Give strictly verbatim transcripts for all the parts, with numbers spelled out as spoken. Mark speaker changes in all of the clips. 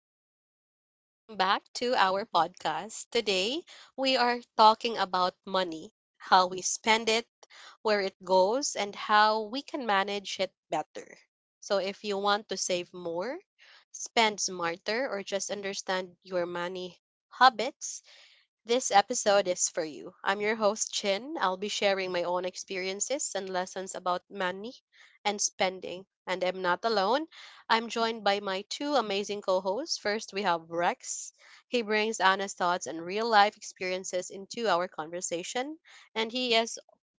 Speaker 1: everyone, and welcome back to our podcast. Today, we are talking about money, how we spend it, where it goes, and how we can manage it better. So, if you want to save more, spend smarter, or just understand your money habits, this episode is for you. I'm your host, Chin. I'll be sharing my own experiences and lessons about money and spending. And I'm not alone. I'm joined by my two amazing co hosts. First, we have Rex. He brings honest thoughts and real life experiences into our conversation. And he is,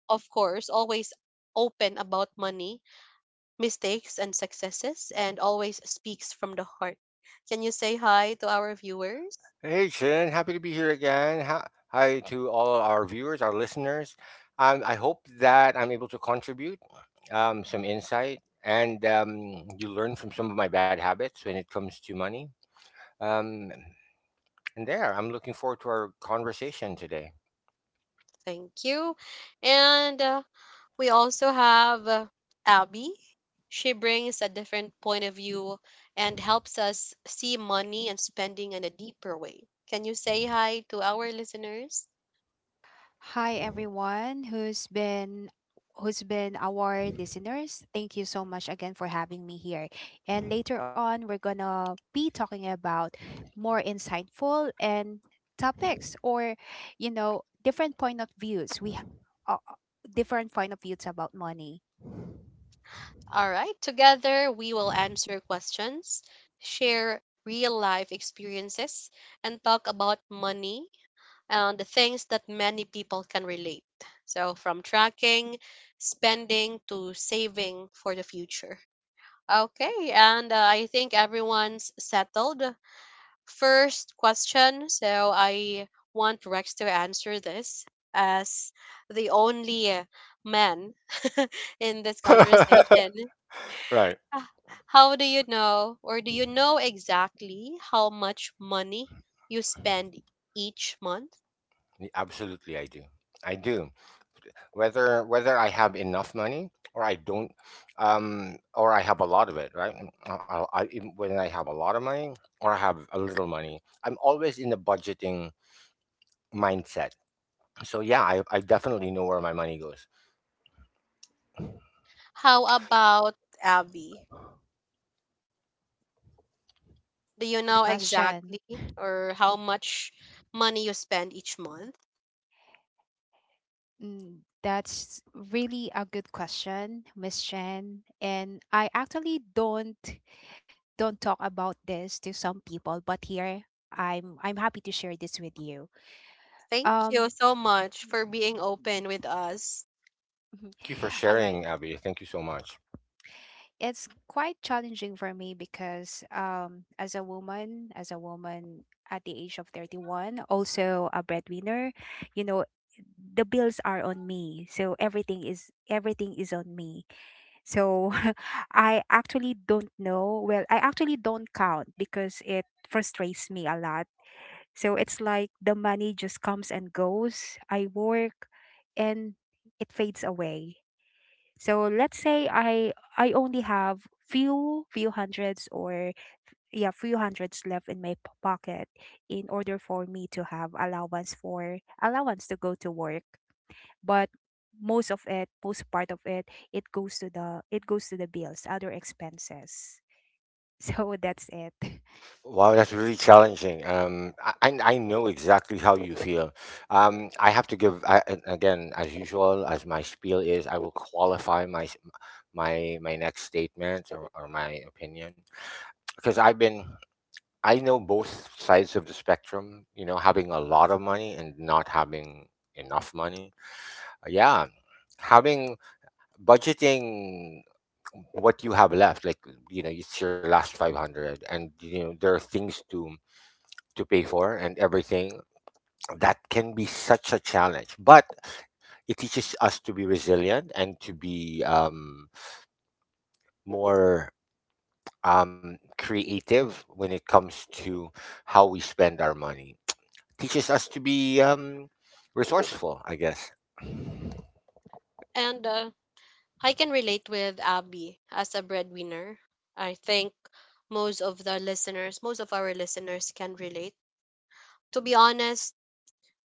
Speaker 1: of course, always open about money, mistakes, and successes, and always speaks from the heart. Can you say hi to our viewers?
Speaker 2: Hey, Chin. Happy to be here again. Hi hi to all our viewers, our listeners. Um, I hope that I'm able to contribute um, some insight, and um, you learn from some of my bad habits when it comes to money. Um, and there, I'm looking forward to our conversation today.
Speaker 1: Thank you. And uh, we also have uh, Abby. She brings a different point of view and helps us see money and spending in a deeper way. Can you say hi to our listeners?
Speaker 3: Hi everyone who's been who's been our listeners. Thank you so much again for having me here. And later on we're going to be talking about more insightful and topics or you know different point of views. We ha- uh, uh, different point of views about money.
Speaker 1: All right, together we will answer questions, share real life experiences, and talk about money and the things that many people can relate. So, from tracking, spending, to saving for the future. Okay, and uh, I think everyone's settled. First question, so I want Rex to answer this as the only uh, man in this conversation.
Speaker 2: Right.
Speaker 1: Ah, How do you know, or do you know exactly how much money you spend each month?
Speaker 2: Absolutely, I do. I do. whether whether I have enough money or I don't, um, or I have a lot of it, right? I, I, I- even when I have a lot of money or I have a little money, I'm always in the budgeting mindset. So yeah, I, I definitely know where my money goes.
Speaker 1: How about Abby? Do you
Speaker 3: Good
Speaker 1: know
Speaker 3: question.
Speaker 1: exactly or how much money you spend each month?
Speaker 3: Mm, that's really a good question, Miss Chen. And I actually don't don't talk about this to some people, but here I'm I'm happy to share this with you.
Speaker 1: Thank
Speaker 3: Um
Speaker 1: you so much for being open with us.
Speaker 2: Thank you for
Speaker 3: all right.
Speaker 2: sharing, Abby. Thank you so much.
Speaker 3: It's quite challenging for me because um as a woman, as a woman at the age of thirty-one, also a breadwinner, you know, the bills are on me. So everything is everything is on me. So I actually don't know. Well, I actually don't count because it frustrates me a lot. So it's like the money just comes and goes. I work and it fades away. So let's say I I only have few few hundreds or, yeah, few hundreds left in my p- pocket in order for me to have allowance for allowance to go to work. But most of it, most part of it, it goes to the it goes to the bills, other expenses. So that's it.
Speaker 2: Wow, that's really challenging. Um, I, I I know exactly how you feel. Um, I have to give I, and again, as usual, as my spiel is, I will qualify my s- my my next statement or, or my opinion because I've been I know both sides of the spectrum, you know, having a lot of money and not having enough money. Uh, Yeah, having budgeting what you have left, like you know, it's your last five hundred, and you know, there are things to to pay for and everything. That can be such a challenge, but it teaches us to be resilient and to be um, more um, creative when it comes to how we spend our money. Teaches us to be um, resourceful, I guess.
Speaker 1: And uh, I can relate with Abby as a breadwinner. I think most of the listeners, most of our listeners can relate. To be honest,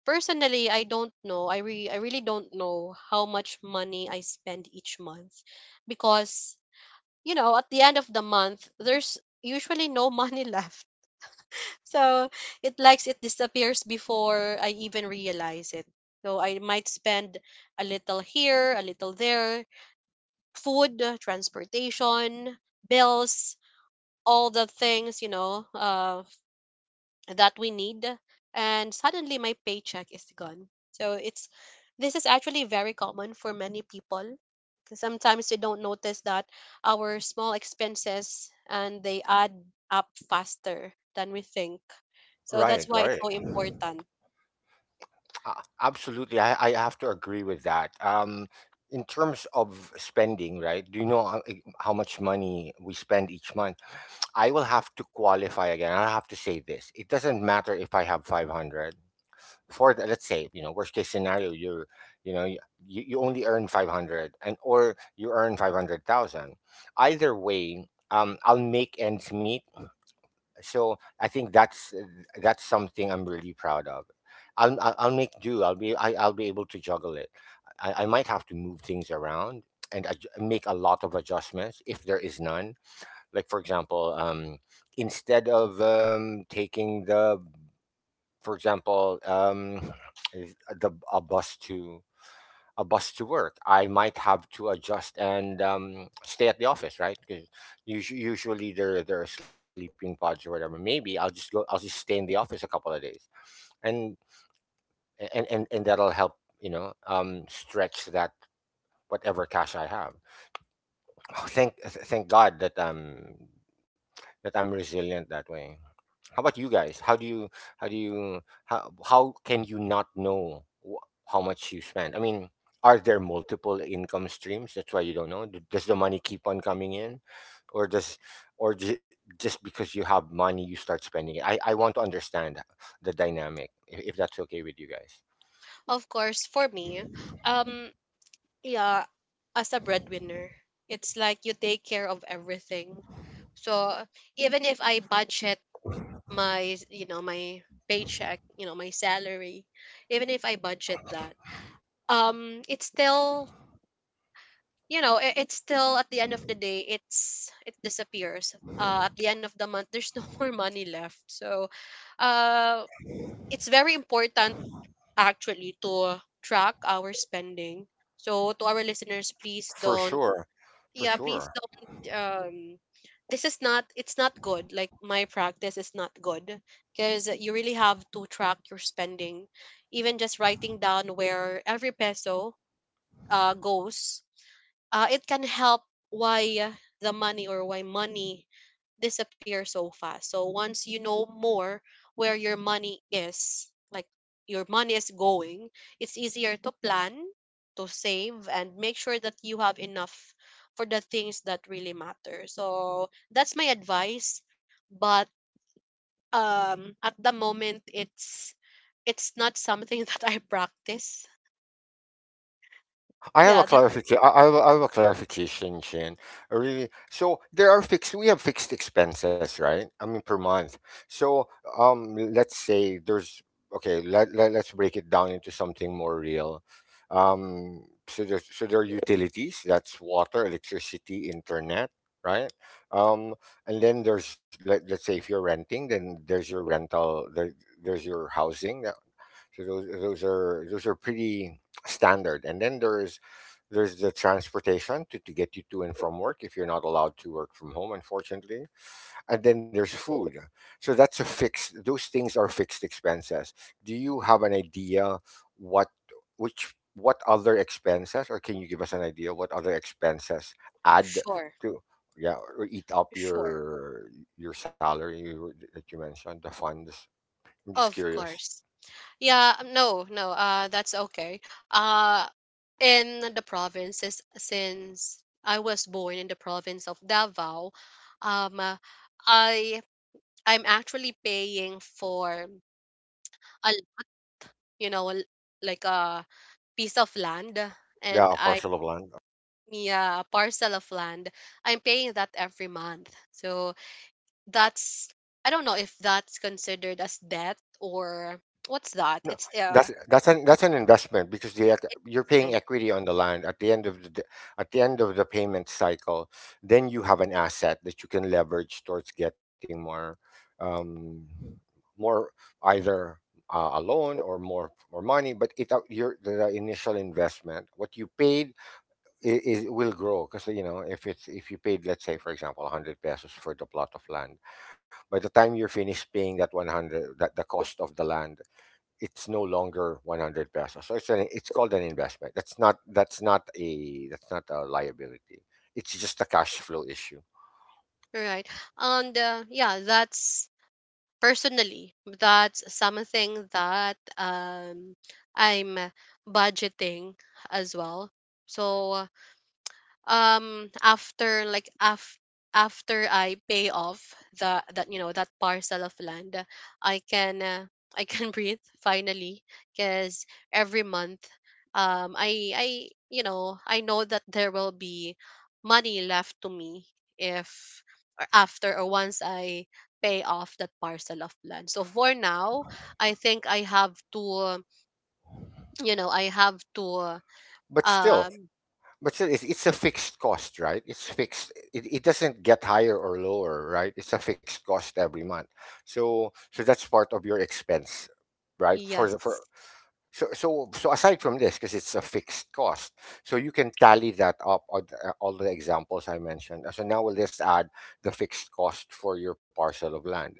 Speaker 1: personally, I don't know. I, re- I really don't know how much money I spend each month because, you know, at the end of the month, there's usually no money left. So it likes it disappears before I even realize it. So I might spend a little here, a little there, food, uh, transportation, bills, all the things, you know, uh that we need, and suddenly my paycheck is gone, so it's this is actually very common for many people. 'Cause sometimes we don't notice that our small expenses and they add up faster than we think, so that's
Speaker 2: Right,
Speaker 1: why it's
Speaker 2: right.
Speaker 1: so important.
Speaker 2: Uh, absolutely, I, I have to agree with that. Um, in terms of spending, right? Do you know how, how much money we spend each month? I will have to qualify again. I'll have to say this: it doesn't matter if I have five hundred. For the, let's say, you know, worst case scenario, you're, you know, you, you only earn five hundred, and or you earn five hundred thousand. Either way, um, I'll make ends meet, so I think that's uh, that's something I'm really proud of. I'll I'll, I'll make do. I'll be I, I'll be able to juggle it. I, I might have to move things around and adj- make a lot of adjustments if there is none. Like for example, um, instead of um, taking the, for example, um, is- uh, the a bus to a bus to work. I might have to adjust and um, stay at the office, right? Because usually there there are sleeping pods or whatever. Maybe I'll just go. I'll just stay in the office a couple of days, and and and, and that'll help. You know, um, stretch that whatever cash I have. Oh, thank th- thank God that um that I'm resilient that way. How about you guys? How do you how do you how how can you not know wh- how much you spend? I mean, are there multiple income streams? That's why you don't know. D- Does the money keep on coming in, or does or ju- just because you have money you start spending it? I I want to understand the dynamic if, if that's okay with you guys.
Speaker 1: Of course, for me, um yeah, as a breadwinner, it's like you take care of everything. So even if I budget my you know my paycheck, you know my salary, even if I budget that, um it's still, you know, it, it's still at the end of the day, it's it disappears. Uh at the end of the month, there's no more money left. So uh it's very important, actually, to track our spending. So to our listeners, please
Speaker 2: For
Speaker 1: don't.
Speaker 2: sure, for
Speaker 1: yeah Please
Speaker 2: sure.
Speaker 1: don't, um this is not, it's not good, like my practice is not good, because you really have to track your spending. Even just writing down where every peso uh goes, uh, it can help why the money, or why money disappear so fast. So once you know more where your money is, like your money is going, it's easier to plan, to save, and make sure that you have enough for the things that really matter. So that's my advice. But um, at the moment, it's it's not something that I practice.
Speaker 2: I have a
Speaker 1: Yeah, that's
Speaker 2: clarification. I I have a, I have a clarification, Shin. Uh, Really, so there are fixed. We have fixed expenses, right? I mean, per month. So, um, let's say there's okay. Let, let let's break it down into something more real. Um, so there's so there are utilities. That's water, electricity, internet, right? Um, and then there's, let let's say if you're renting, then there's your rental. There there's your housing. That, so those those are those are pretty standard. And then there's there's the transportation to, to get you to and from work if you're not allowed to work from home, unfortunately. And then there's food. So that's a fixed, those things are fixed expenses. Do you have an idea what, which, what other expenses, or can you give us an idea what other expenses add
Speaker 1: sure,
Speaker 2: to, yeah, or eat up
Speaker 1: sure,
Speaker 2: your, your salary that you mentioned, the funds? I'm just
Speaker 1: of
Speaker 2: curious.
Speaker 1: course. Yeah, um, no, no, uh, that's okay. Uh, in the provinces, since I was born in the province of Davao, um, uh, I, I'm actually paying for a l- you know l- like a piece of land,
Speaker 2: Yeah, a
Speaker 1: and I
Speaker 2: parcel of land.
Speaker 1: me uh, a parcel of land. I'm paying that every month, so that's, I don't know if that's considered as debt or what's that?
Speaker 2: No,
Speaker 1: It's uh,
Speaker 2: that's that's an that's an investment, because the ec- you're paying equity on the land at the end of the d- at the end of the payment cycle. Then you have an asset that you can leverage towards getting more, um, more either uh, a loan or more more money. But it out your the initial investment, what you paid I- is will grow, because you know if it's if you paid, let's say for example, one hundred pesos for the plot of land, by the time you're finished paying that one hundred, that the cost of the land, it's no longer one hundred pesos. So it's an, it's called an investment. That's not that's not a that's not a liability. It's just a cash flow issue.
Speaker 1: right. And uh, yeah, that's, personally, that's something that um I'm budgeting as well. So um after like af- after I pay off the that you know that parcel of land, I can uh, I can breathe finally, because every month, um I I you know I know that there will be money left to me, if or after or once I pay off that parcel of land. So for now, I think I have to, you know, I have to,
Speaker 2: But still,
Speaker 1: um
Speaker 2: but still, it's, it's a fixed cost, right? It's fixed. It, it doesn't get higher or lower, right? It's a fixed cost every month. So so that's part of your expense, right? For the
Speaker 1: yes,
Speaker 2: for So, so, so aside from this, because it's a fixed cost, so you can tally that up on uh, all the examples I mentioned. So now we'll just add the fixed cost for your parcel of land.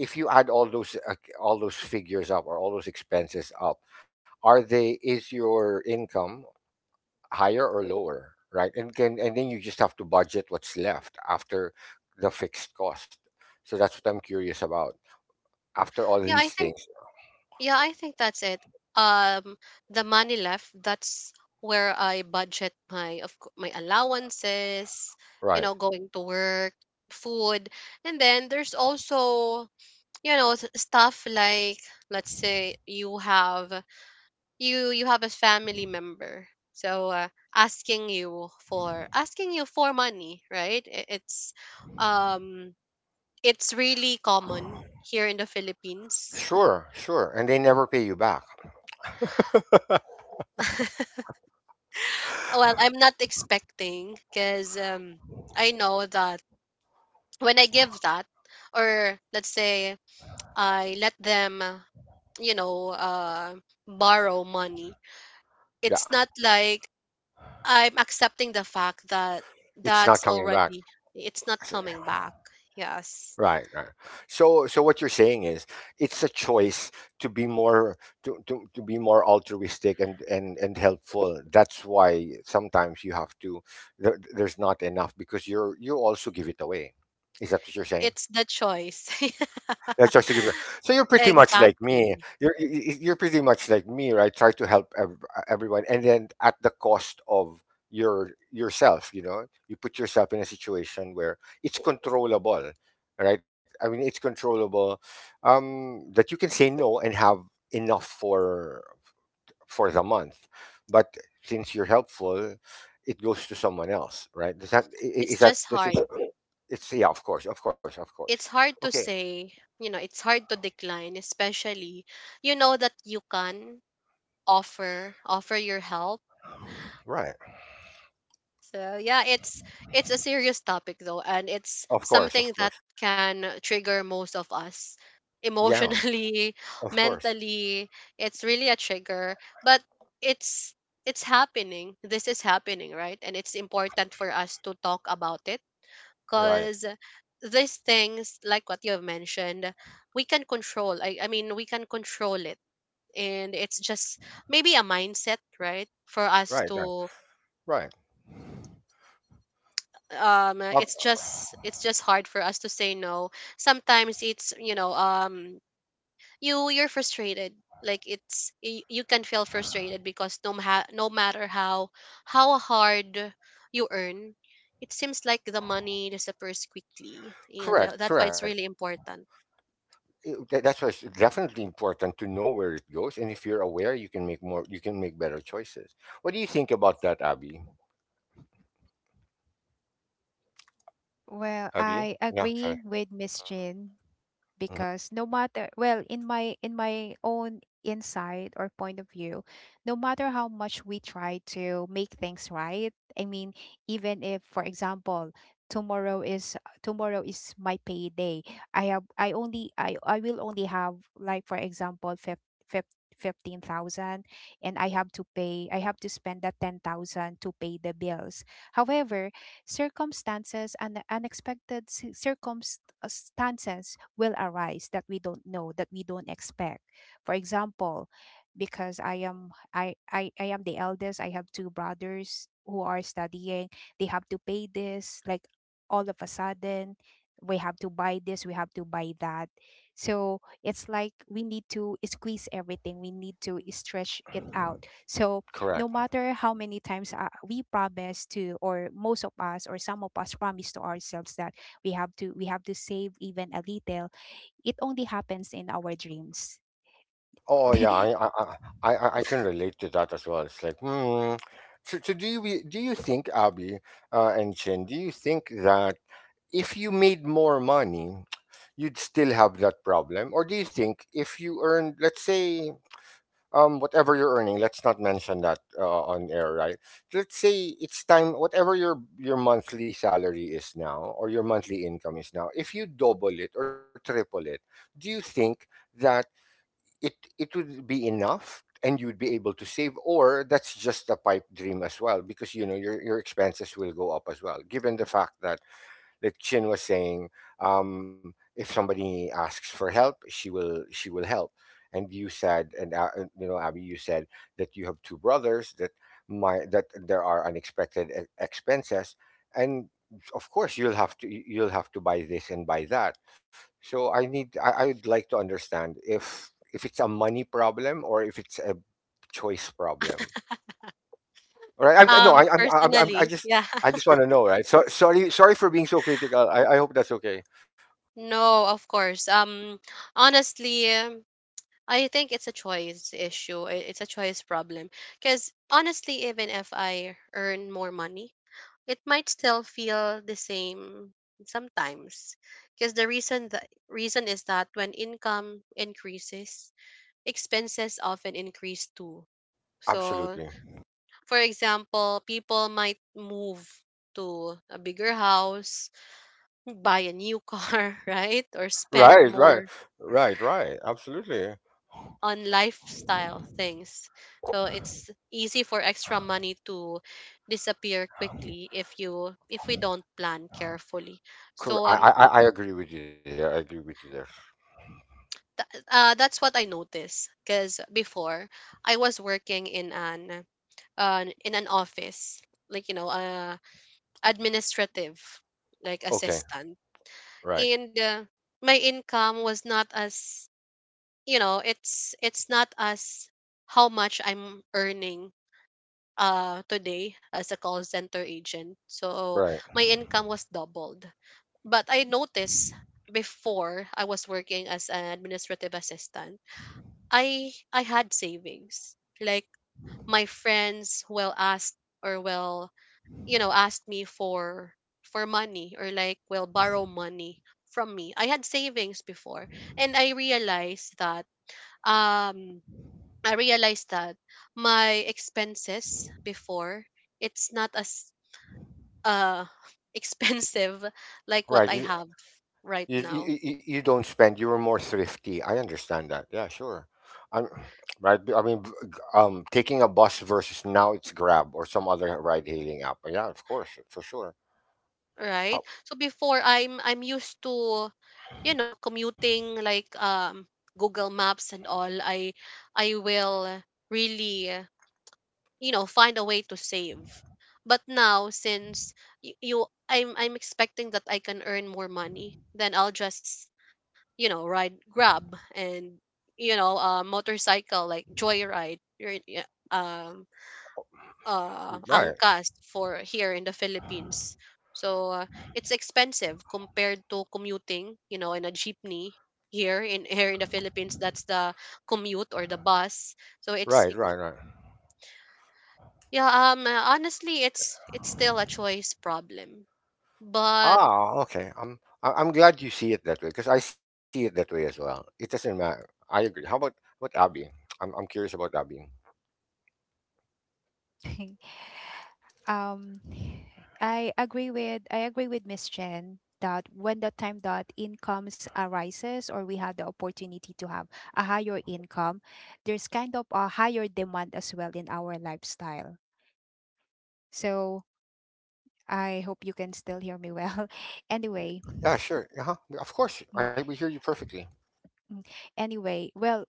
Speaker 2: If you add all those uh, all those figures up, or all those expenses up, are they is your income higher or lower, right? And can and then you just have to budget what's left after the fixed cost. So that's what I'm curious about. After all
Speaker 1: yeah, I
Speaker 2: these
Speaker 1: think
Speaker 2: things,
Speaker 1: yeah, I think that's it. Um, the money left, that's where I budget my of cou- my allowances, you
Speaker 2: right?
Speaker 1: know, going to work, food, and then there's also, you know, s- stuff like, let's say you have, you you have a family member. So uh, asking you for, asking you for money, right? I- It's um it's really common here in the Philippines.
Speaker 2: Sure, sure, and they never pay you back.
Speaker 1: Well, I'm not expecting because um, I know that when I give that, or let's say I let them, uh, you know, uh, borrow money, it's
Speaker 2: Yeah,
Speaker 1: not like I'm accepting the fact that
Speaker 2: it's
Speaker 1: that's
Speaker 2: not coming
Speaker 1: already,
Speaker 2: back.
Speaker 1: it's not
Speaker 2: S-
Speaker 1: coming back. Yes.
Speaker 2: Right, right. So, so what you're saying is, it's a choice to be more, to, to, to be more altruistic and, and and helpful. That's why sometimes you have to. There, there's not enough because you're you also give it away. Is that what you're saying?
Speaker 1: It's the choice.
Speaker 2: Let's just to give it. So you're pretty much like me.
Speaker 1: Exactly.
Speaker 2: You're y- y- you're pretty much like me, right? Try to help ev- everyone, and then at the cost of your yourself. You know, you put yourself in a situation where it's controllable, right? I mean, it's controllable. Um, that you can say no and have enough for for the month, but since you're helpful, it goes to someone else, right? Does that I- I-
Speaker 1: It's
Speaker 2: is that
Speaker 1: just
Speaker 2: does it,
Speaker 1: hard.
Speaker 2: it's yeah, of course, of course, of course.
Speaker 1: It's hard to
Speaker 2: Okay,
Speaker 1: say, you know, it's hard to decline, especially you know that you can offer offer your help.
Speaker 2: right.
Speaker 1: So yeah, it's it's a serious topic though, and it's
Speaker 2: Of course, of
Speaker 1: something that
Speaker 2: course.
Speaker 1: can trigger most of us
Speaker 2: Yeah,
Speaker 1: emotionally,
Speaker 2: of course.
Speaker 1: mentally. It's really a trigger, but it's it's happening, this is happening, right? And it's important for us to talk about it,
Speaker 2: Right,
Speaker 1: because these things, like what you have mentioned, we can control. I, I mean, we can control it, and it's just maybe a mindset, right, for us
Speaker 2: right, right,
Speaker 1: to,
Speaker 2: right.
Speaker 1: um uh,
Speaker 2: Uh,
Speaker 1: it's just, it's just hard for us to say no sometimes. It's, you know, um you, you're frustrated, like it's, y- you can feel frustrated because no ma- no matter how how hard you earn, it seems like the money disappears quickly. And uh,
Speaker 2: Correct,
Speaker 1: that's why
Speaker 2: correct.
Speaker 1: it's really important.
Speaker 2: It- that- that's why it's definitely important to know where it goes, and if you're aware, you can make more, you can make better choices. What do you think about that, Abby?
Speaker 3: Well,
Speaker 2: Abby?
Speaker 3: I
Speaker 2: Yeah,
Speaker 3: agree
Speaker 2: sorry.
Speaker 3: with Miss Jin,
Speaker 2: Mhm.
Speaker 3: because no matter, well, in my in my own insight or point of view, no matter how much we try to make things right, i mean even if, for example, tomorrow is tomorrow is my payday. I have i only i i will only have, like, for example, fif- fif- fifteen thousand, and i have to pay I have to spend that ten thousand to pay the bills. However, circumstances and unexpected circumstances circumstances will arise that we don't know, that we don't expect. For example, because I am I, I, I am the eldest, I have two brothers who are studying. They have to pay this, like, all of a sudden we have to buy this, we have to buy that. So it's like we need to squeeze everything. We need to stretch it out. So no
Speaker 2: Correct.
Speaker 3: matter how many times, uh, we promise to, or most of us, or some of us promise to ourselves that we have to we have to save even a little, it only happens in our dreams.
Speaker 2: Oh yeah, I I I I I can relate to that as well. It's like, hmm. So, so do you do you think, Abby, uh, and Chen, do you think that if you made more money, you'd still have that problem? Or do you think if you earned, let's say, um, whatever you're earning, let's not mention that uh, on air, right? Let's say it's time, whatever your your monthly salary is now, or your monthly income is now, if you double it or triple it, do you think that it it would be enough? And you'd be able to save, or that's just a pipe dream as well, because you know your your expenses will go up as well, given the fact that, like Chin was saying, um, if somebody asks for help, she will she will help. And you said, and uh, uh, you know, Abby, you said that you have two brothers that my that there are unexpected e- expenses, and of course you'll have to you'll have to buy this and buy that. So I need I, I would like to understand if if it's a money problem or if it's a choice problem. All right. I, I, no, I,
Speaker 1: Um,
Speaker 2: I'm, I'm, I'm, I
Speaker 1: personally,
Speaker 2: just,
Speaker 1: yeah.
Speaker 2: I just want to know, right? So sorry, sorry for being so critical. I, I hope that's okay.
Speaker 1: No, of course. Um, honestly, um, I think it's a choice issue. i- It's a choice problem. Because honestly, even if I earn more money, it might still feel the same sometimes. Because the reason the reason is that when income increases, expenses often increase too. So,
Speaker 2: Absolutely.
Speaker 1: for example, people might move to a bigger house, buy a new car, right? Or spend
Speaker 2: Right, right,
Speaker 1: more
Speaker 2: right, right. Absolutely.
Speaker 1: on lifestyle things. So it's easy for extra money to disappear quickly if you if we don't plan carefully.
Speaker 2: Correct.
Speaker 1: So
Speaker 2: I, I,
Speaker 1: um
Speaker 2: I I agree with you there. I agree with you there.
Speaker 1: th- uh, that's what I noticed, because before I was working in an uh, in an office, like, you know, uh, administrative like
Speaker 2: Okay.
Speaker 1: assistant,
Speaker 2: Right.
Speaker 1: and uh, my income was not as, you know, it's it's not as how much I'm earning uh today as a call center agent. So
Speaker 2: Right.
Speaker 1: my income was doubled, but I noticed before I was working as an administrative assistant, i i had savings, like my friends will ask, or will, you know, ask me for for money, or like will borrow money from me. I had savings before, and I realized that, um I realized that my expenses before, it's not as uh expensive like what
Speaker 2: Right.
Speaker 1: I
Speaker 2: You,
Speaker 1: have right
Speaker 2: You, you
Speaker 1: now,
Speaker 2: you you don't spend. You were more thrifty. I understand that. Yeah, sure. I'm Right. I mean, v- g- um, taking a bus versus now it's Grab or some other ride-hailing app. Yeah, of course, for sure.
Speaker 1: right?
Speaker 2: How,
Speaker 1: So before, I'm I'm used to, you know, commuting like, um Google Maps and all. I I will really, you know, find a way to save. But now, since y- you i'm i'm expecting that I can earn more money, then I'll just, you know, ride Grab, and, you know, uh motorcycle like joyride, your- yeah, um uh
Speaker 2: right,
Speaker 1: Angkas, for here in the Philippines. So uh, it's expensive compared to commuting, you know, in a jeepney here in, here in the Philippines, that's the commute or the bus. So it's,
Speaker 2: right, right, right.
Speaker 1: yeah, um uh, honestly, it's it's still a choice problem. But
Speaker 2: Ah, okay. I'm I- I'm glad you see it that way because I see it that way as well. It doesn't matter. I agree. How about what Abby? I'm I'm curious about Abby.
Speaker 3: um i agree with I agree with Miss Chen that when the time that incomes arises or we have the opportunity to have a higher income, there's kind of a higher demand as well in our lifestyle. So I hope you can still hear me well. anyway
Speaker 2: Yeah, sure. Uh-huh. Of course.
Speaker 3: mm,
Speaker 2: I we hear you perfectly.
Speaker 3: Mm. Anyway, well,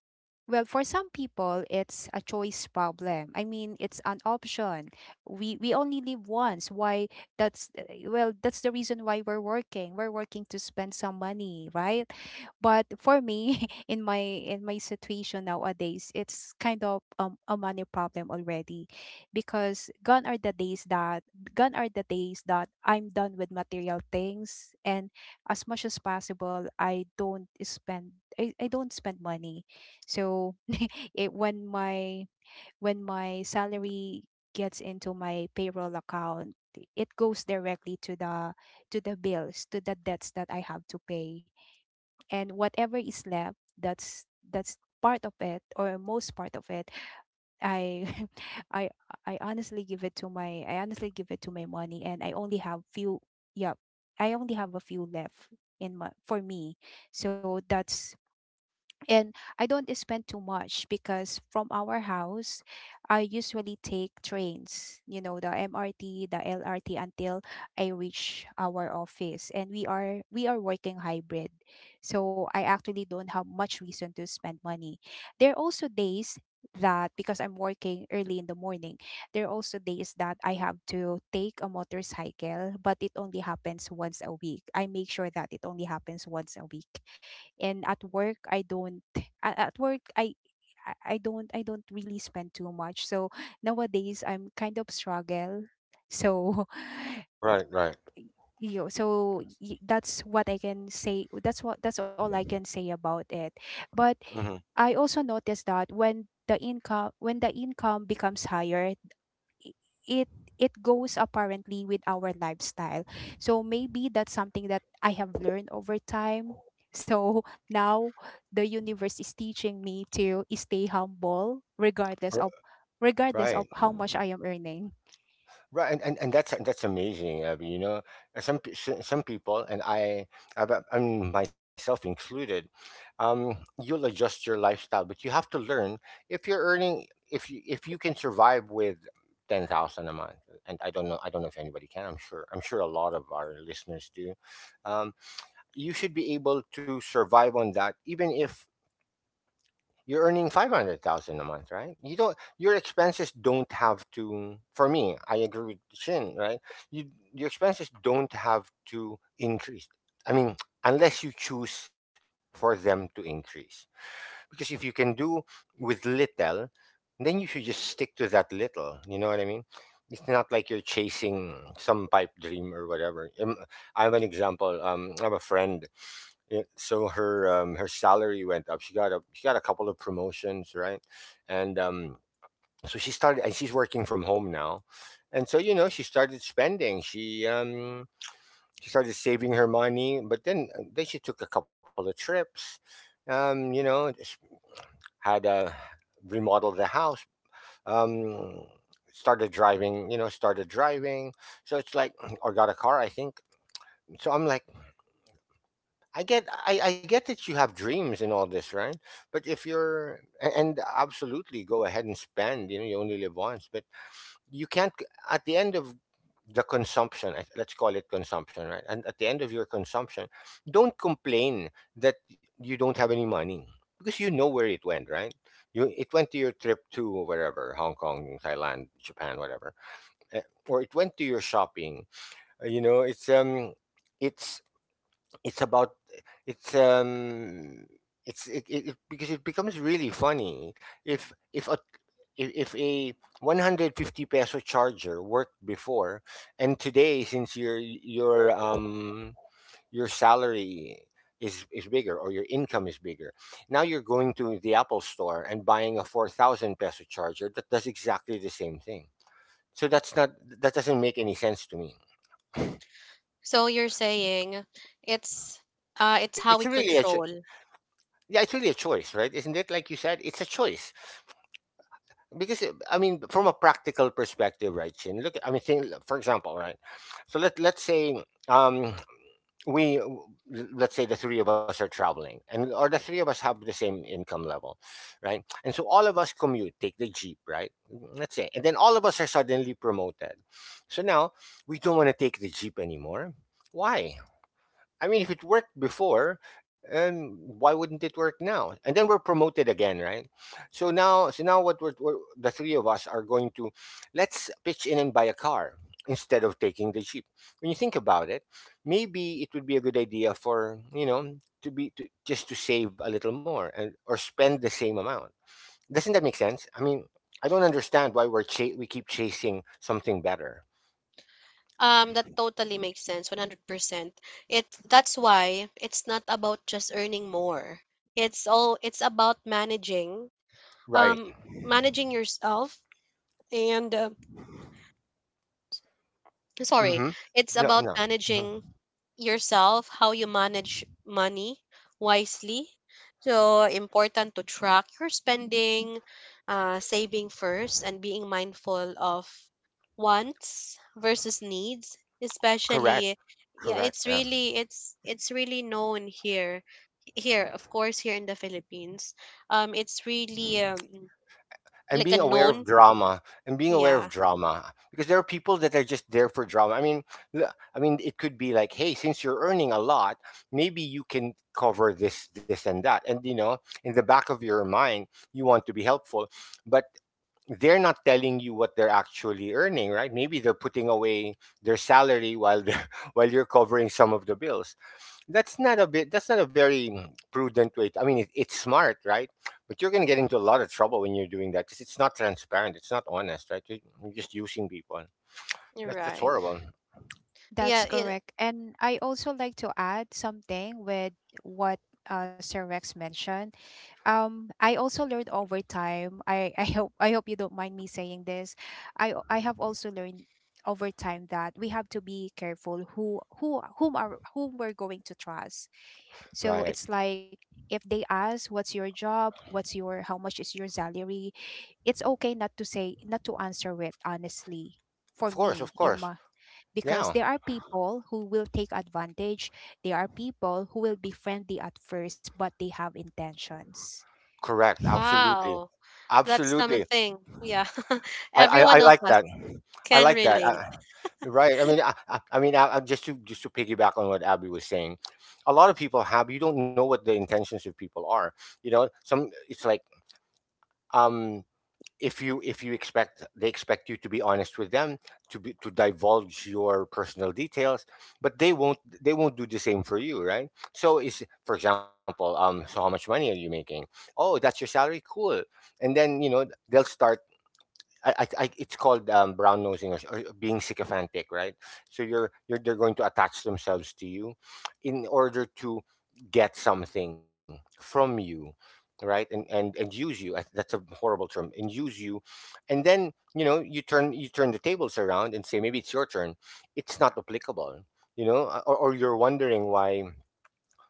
Speaker 3: well, for some people it's a choice problem. I mean, it's an option. We we only live once. Why? That's, uh, well, that's the reason why we're working. We're working to spend some money, right? But for me, in my in my situation nowadays, it's kind of, um, a money problem already, because gone are the days that gone are the days that I'm done with material things, and as much as possible i don't spend i, I don't spend money. So it when my when my salary gets into my payroll account, it goes directly to the, to the bills, to the debts that I have to pay. And whatever is left, that's that's part of it, or most part of it, I I I honestly give it to my I honestly give it to my money. And I only have few, yeah, I only have a few left in my for me. So that's and I don't spend too much because from our house, I usually take trains, you know, the M R T, the L R T, until I reach our office. And we are we are working hybrid. So I actually don't have much reason to spend money. There are also days that Because I'm working early in the morning, there are also days that I have to take a motorcycle, but it only happens once a week. I make sure that it only happens once a week. And at work i don't a- at work, i i I don't i don't really spend too much. So nowadays I'm kind of struggle. So
Speaker 2: Right, right.
Speaker 3: you so y- that's what I can say. That's what that's all I can say about it. But
Speaker 2: Mm-hmm.
Speaker 3: I also noticed that when the income when the income becomes higher, i- it it goes apparently with our lifestyle. So maybe that's something that I have learned over time. So now the universe is teaching me to stay humble regardless of regardless
Speaker 2: Right.
Speaker 3: of how much I am earning.
Speaker 2: Right, and, and, and that's that's amazing. Uh, you know, Uh, some pe- s- some people, and I, I, I mean, myself included, um, you'll adjust your lifestyle, but you have to learn if you're earning if you if you can survive with ten thousand a month. And I don't know, I don't know if anybody can. I'm sure, I'm sure a lot of our listeners do. Um, you should be able to survive on that, even if you're earning five hundred thousand a month, right? You don't your expenses don't have to For me, I agree with Shin, right? You your expenses don't have to increase. I mean, unless you choose for them to increase. Because if you can do with little, then you should just stick to that little, you know what I mean? It's not like you're chasing some pipe dream or whatever. Um, I have an example. Um, I have a friend it, so her um, Her salary went up. She got a she got a couple of promotions, right? And um, so she started, and she's working from home now. And so you know, she started spending. She um, she started saving her money, but then uh, then she took a couple of trips. Um, you know, just had a Remodeled the house. Um, Started driving. You know, started driving. So it's like, or got a car, I think. So I'm like, I get I, I get that you have dreams and all this, right? But if you're a- and absolutely go ahead and spend, you know, you only live once, but you can't c- at the end of the consumption, I- let's call it consumption, right? And at the end of your consumption, don't complain that you don't have any money because you know where it went, right? You It went to your trip to wherever, Hong Kong, Thailand, Japan, whatever. eh, Or it went to your shopping. Uh, You know, it's um it's it's about it's um it's it, it, it Because it becomes really funny if if a if, if a one hundred fifty peso charger worked before, and today, since your your um your salary is is bigger, or your income is bigger, now you're going to the Apple Store and buying a four thousand peso charger that does exactly the same thing. So that's not that doesn't make any sense to me.
Speaker 1: so you're saying it's uh it's
Speaker 2: It's
Speaker 1: how we
Speaker 2: really a cho-
Speaker 1: control.
Speaker 2: Yeah, it's really a choice, right? Isn't it? Like you said, it's a choice. Because it- I mean, from a practical perspective, right, Chin? Look, I mean, think, for example, right. So let let's say um we let's say the three of us are traveling, and or the three of us have the same income level, right? And so all of us commute, take the jeep, right? Let's say, and then all of us are suddenly promoted. So now we don't want to take the jeep anymore. Why? I mean, if it worked before, um, why wouldn't it work now? And then we're promoted again, right? So now, so now, what we're, we're the three of us are going to, let's pitch in and buy a car instead of taking the jeep. When you think about it, maybe it would be a good idea for you know to be to, just to save a little more, and or spend the same amount. Doesn't that make sense? I mean, I don't understand why we're cha- we keep chasing something better,
Speaker 1: Um that totally makes sense, one hundred percent. It That's why it's not about just earning more. It's all, it's about managing,
Speaker 2: right?
Speaker 1: um managing yourself. And uh, sorry,
Speaker 2: Mm-hmm.
Speaker 1: it's
Speaker 2: No,
Speaker 1: about
Speaker 2: no. Hmm.
Speaker 1: managing yourself, how you manage money wisely. So important to track your spending, uh, saving first, and being mindful of wants versus needs.
Speaker 2: Correct.
Speaker 1: Especially, yeah,
Speaker 2: Correct.
Speaker 1: it's really, it's it's really known here, here, of course, here in the Philippines. Um, it's really um
Speaker 2: And
Speaker 1: like
Speaker 2: being
Speaker 1: a
Speaker 2: aware of
Speaker 1: known.
Speaker 2: drama, and being aware of
Speaker 1: Yeah,
Speaker 2: drama, because there are people that are just there for drama. I mean, l- I mean, it could be like, hey, since you're earning a lot, maybe you can cover this, this, and that, and you know, in the back of your mind, you want to be helpful, but they're not telling you what they're actually earning, right? Maybe they're putting away their salary while they're, while you're covering some of the bills. That's not a bit. That's not a very mm, prudent way. to- I mean, it, it's smart, right? But you're going to get into a lot of trouble when you're doing that because it's not transparent. It's not honest, right? You're you're just using people.
Speaker 1: you're
Speaker 2: That's that's
Speaker 1: right.
Speaker 2: horrible,
Speaker 1: Yeah,
Speaker 3: That's
Speaker 1: it,
Speaker 3: correct. And I also like to add something with what, uh, Sir Rex mentioned. um I also learned over time. I I hope I hope you don't mind me saying this. I I have also learned over time that we have to be careful who who whom are whom we're going to trust. So
Speaker 2: right?
Speaker 3: it's like, if they ask what's your job, what's your how much is your salary, it's okay not to say not to answer it honestly. For
Speaker 2: Of course, of
Speaker 3: me, in
Speaker 2: course.
Speaker 3: my Because
Speaker 2: Yeah,
Speaker 3: there are people who will take advantage. There are people who will be friendly at first, but they have intentions.
Speaker 2: correct. Absolutely,
Speaker 1: wow, that's
Speaker 2: absolutely.
Speaker 1: something. Yeah,
Speaker 2: I,
Speaker 1: every
Speaker 2: I, I
Speaker 1: one of
Speaker 2: like
Speaker 1: us.
Speaker 2: that. I
Speaker 1: Can
Speaker 2: like that.
Speaker 1: relate.
Speaker 2: I, right. I mean, I, I I mean, I, I, just to just to piggyback on what Abby was saying, a lot of people have. You don't know what the intentions of people are. You know, some. It's like um, if you if you expect they expect you to be honest with them, to be, to divulge your personal details, but they won't they won't do the same for you, right? So is for example, um, so how much money are you making? Oh, that's your salary. Cool. And then you know they'll start, I, I, I it's called um, brown nosing, or, or being sycophantic, right? So you're you're they're going to attach themselves to you in order to get something from you, right? And and and use you. I- That's a horrible term. And use you, and then you know you turn you turn the tables around and say maybe it's your turn. It's not applicable, you know, or, or you're wondering why,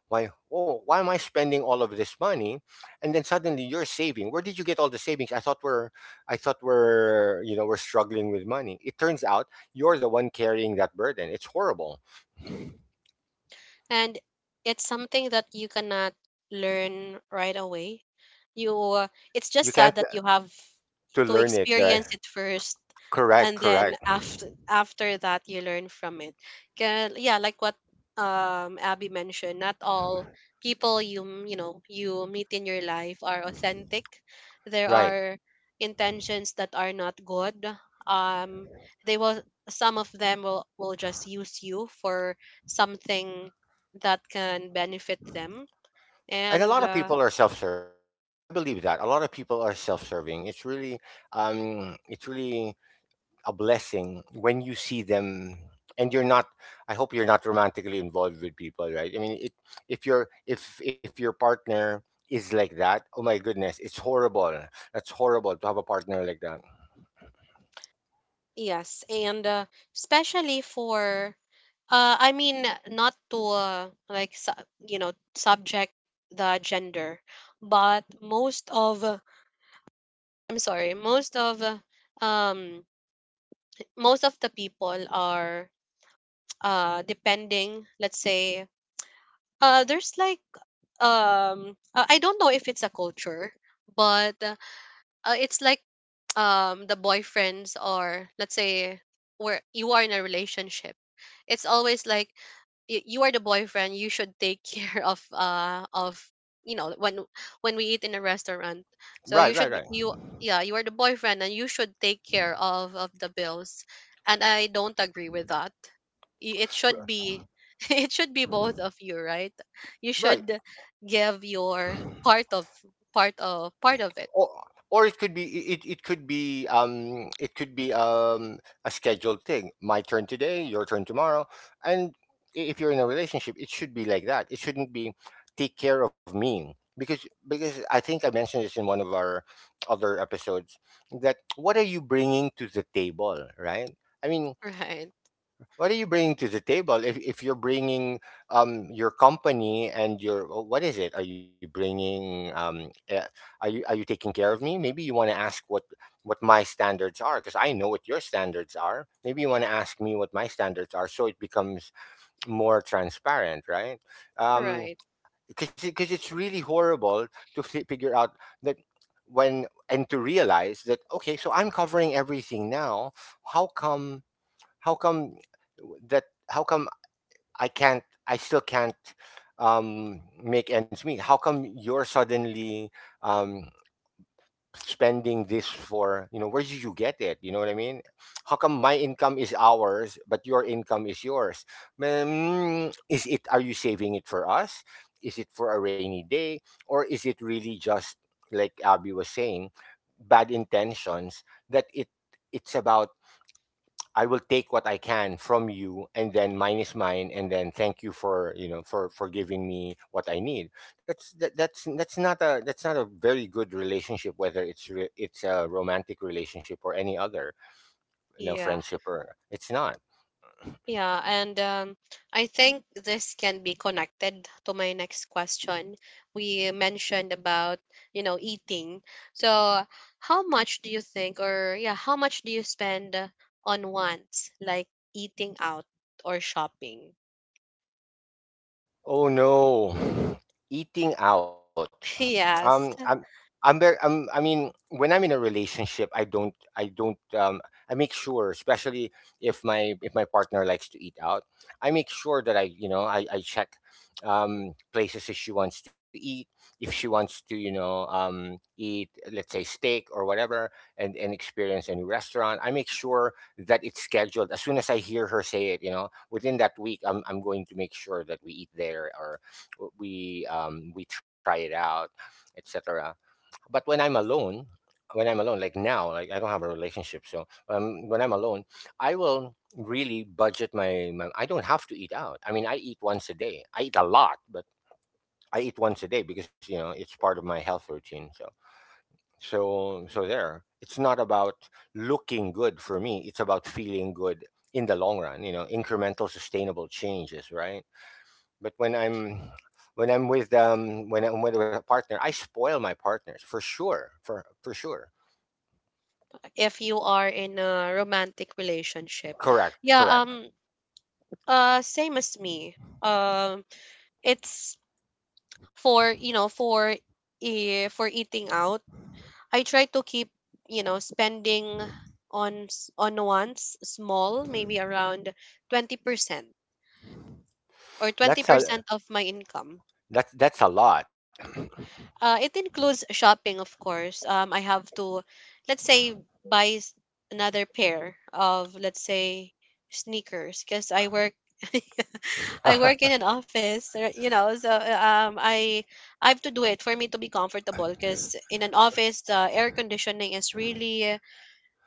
Speaker 2: why oh why am I spending all of this money? And then suddenly you're saving. Where did you get all the savings? i thought we're I thought we're, you know, we're struggling with money. It turns out you're the one carrying that burden. It's horrible.
Speaker 1: And it's something that you cannot learn right away. You uh, it's
Speaker 2: You
Speaker 1: just
Speaker 2: can't
Speaker 1: sad that
Speaker 2: uh,
Speaker 1: you have
Speaker 2: To
Speaker 1: to
Speaker 2: learn it right.
Speaker 1: experience it first,
Speaker 2: Correct,
Speaker 1: and then
Speaker 2: correct.
Speaker 1: after after that you learn from it. 'Kay, yeah, like what um Abby mentioned, not all people you m- you know, you meet in your life are authentic. There
Speaker 2: Right.
Speaker 1: are intentions that are not good. Um, they will some of them will will just use you for something that can benefit them
Speaker 2: And a
Speaker 1: and
Speaker 2: lot of
Speaker 1: uh,
Speaker 2: people are self-serving. I I believe that a lot of people are self-serving. It's really um it's really a blessing when you see them, and you're not. I hope you're not romantically involved with people, right? I mean it, if you're if if your partner is like that, oh my goodness, it's horrible. That's horrible to have a partner like that.
Speaker 1: yes and uh, especially for uh, I mean, not to uh, like su- you know subject the gender, but most of uh, I'm sorry most of uh, um most of the people are uh depending, let's say uh there's like um uh, I don't know if it's a culture, but uh, it's like, um the boyfriends, or let's say where you are in a relationship, it's always like y- you are the boyfriend, you should take care of uh of you know, when when we eat in a restaurant, so you
Speaker 2: Right,
Speaker 1: should
Speaker 2: right,
Speaker 1: be-
Speaker 2: right.
Speaker 1: you yeah, you are the boyfriend and you should take care of of the bills. And I don't agree with that. Y- it should
Speaker 2: R-
Speaker 1: be. It should be both of you, right? You
Speaker 2: right.
Speaker 1: should give your part of part of part of it.
Speaker 2: Or or it could be, it, it could be um it could be um a scheduled thing, my turn today, your turn tomorrow. And i- if you're in a relationship, it should be like that. It shouldn't be take care of me, because because I think I mentioned this in one of our other episodes, that what are you bringing to the table, right? I mean,
Speaker 1: Right.
Speaker 2: what are you bringing to the table? If if you're bringing um your company and your, oh, what is it? Are you bringing um eh, are you are you taking care of me? Maybe you want to ask what what my standards are, because I know what your standards are. Maybe you want to ask me what my standards are, so it becomes more transparent, right? Um
Speaker 1: Right.
Speaker 2: because because it's really horrible to fi- figure out that when and to realize that, okay, so I'm covering everything now. How come, how come that how come i can't I still can't um make ends meet? How come you're suddenly um spending this for, you know, where did you get it? You know what I mean? How come my income is ours, but your income is yours? Mm, is it, are you saving it for us? Is it for a rainy day? Or is it really just, like Abby was saying, bad intentions? That it It's about I will take what I can from you, and then mine is mine, and then thank you for, you know, for for giving me what I need. That's that, that's that's not a, that's not a very good relationship, whether it's re- it's a romantic relationship or any other, you know,
Speaker 1: Yeah.
Speaker 2: friendship or it's not.
Speaker 1: Yeah. And um, I think this can be connected to my next question. We mentioned about, you know, eating. So, how much do you think, or yeah, how much do you spend on wants, like eating out or shopping?
Speaker 2: Oh no, eating out. Um, I'm,
Speaker 1: Yes,
Speaker 2: I'm very, um, I mean, when I'm in a relationship, I don't, I don't, um, I make sure, especially if my if my partner likes to eat out, I make sure that I, you know, I, I check um, places if she wants to eat, if she wants to, you know, um, eat, let's say steak or whatever, and and experience a new restaurant. I make sure that it's scheduled as soon as I hear her say it. You know, within that week, I'm I'm going to make sure that we eat there, or we um, we try it out, et cetera. But when I'm alone, when I'm alone, like now, like I don't have a relationship, so um, when I'm alone, I will really budget my, my. I don't have to eat out. I mean, I eat once a day. I eat a lot, but I eat once a day because you know it's part of my health routine. So, so, so there. It's not about looking good for me. It's about feeling good in the long run. You know, incremental, sustainable changes, right? But when I'm when I'm with um when I'm with a partner, I spoil my partners for sure. For for sure.
Speaker 1: if you are in a romantic relationship.
Speaker 2: Correct.
Speaker 1: Yeah,
Speaker 2: Correct.
Speaker 1: um, uh, same as me. Um, it's for, you know, for eh, for eating out, I try to keep, you know, spending on s- on once small, maybe around twenty percent or
Speaker 2: That's a
Speaker 1: twenty percent of my income.
Speaker 2: that's that's a lot.
Speaker 1: Uh, it includes shopping, of course. Um, I have to, let's say, buy s- another pair of, let's say, sneakers because I work I work in an office, uh, you know, so uh, um, I I have to do it for me to be comfortable because in an office, the air conditioning is really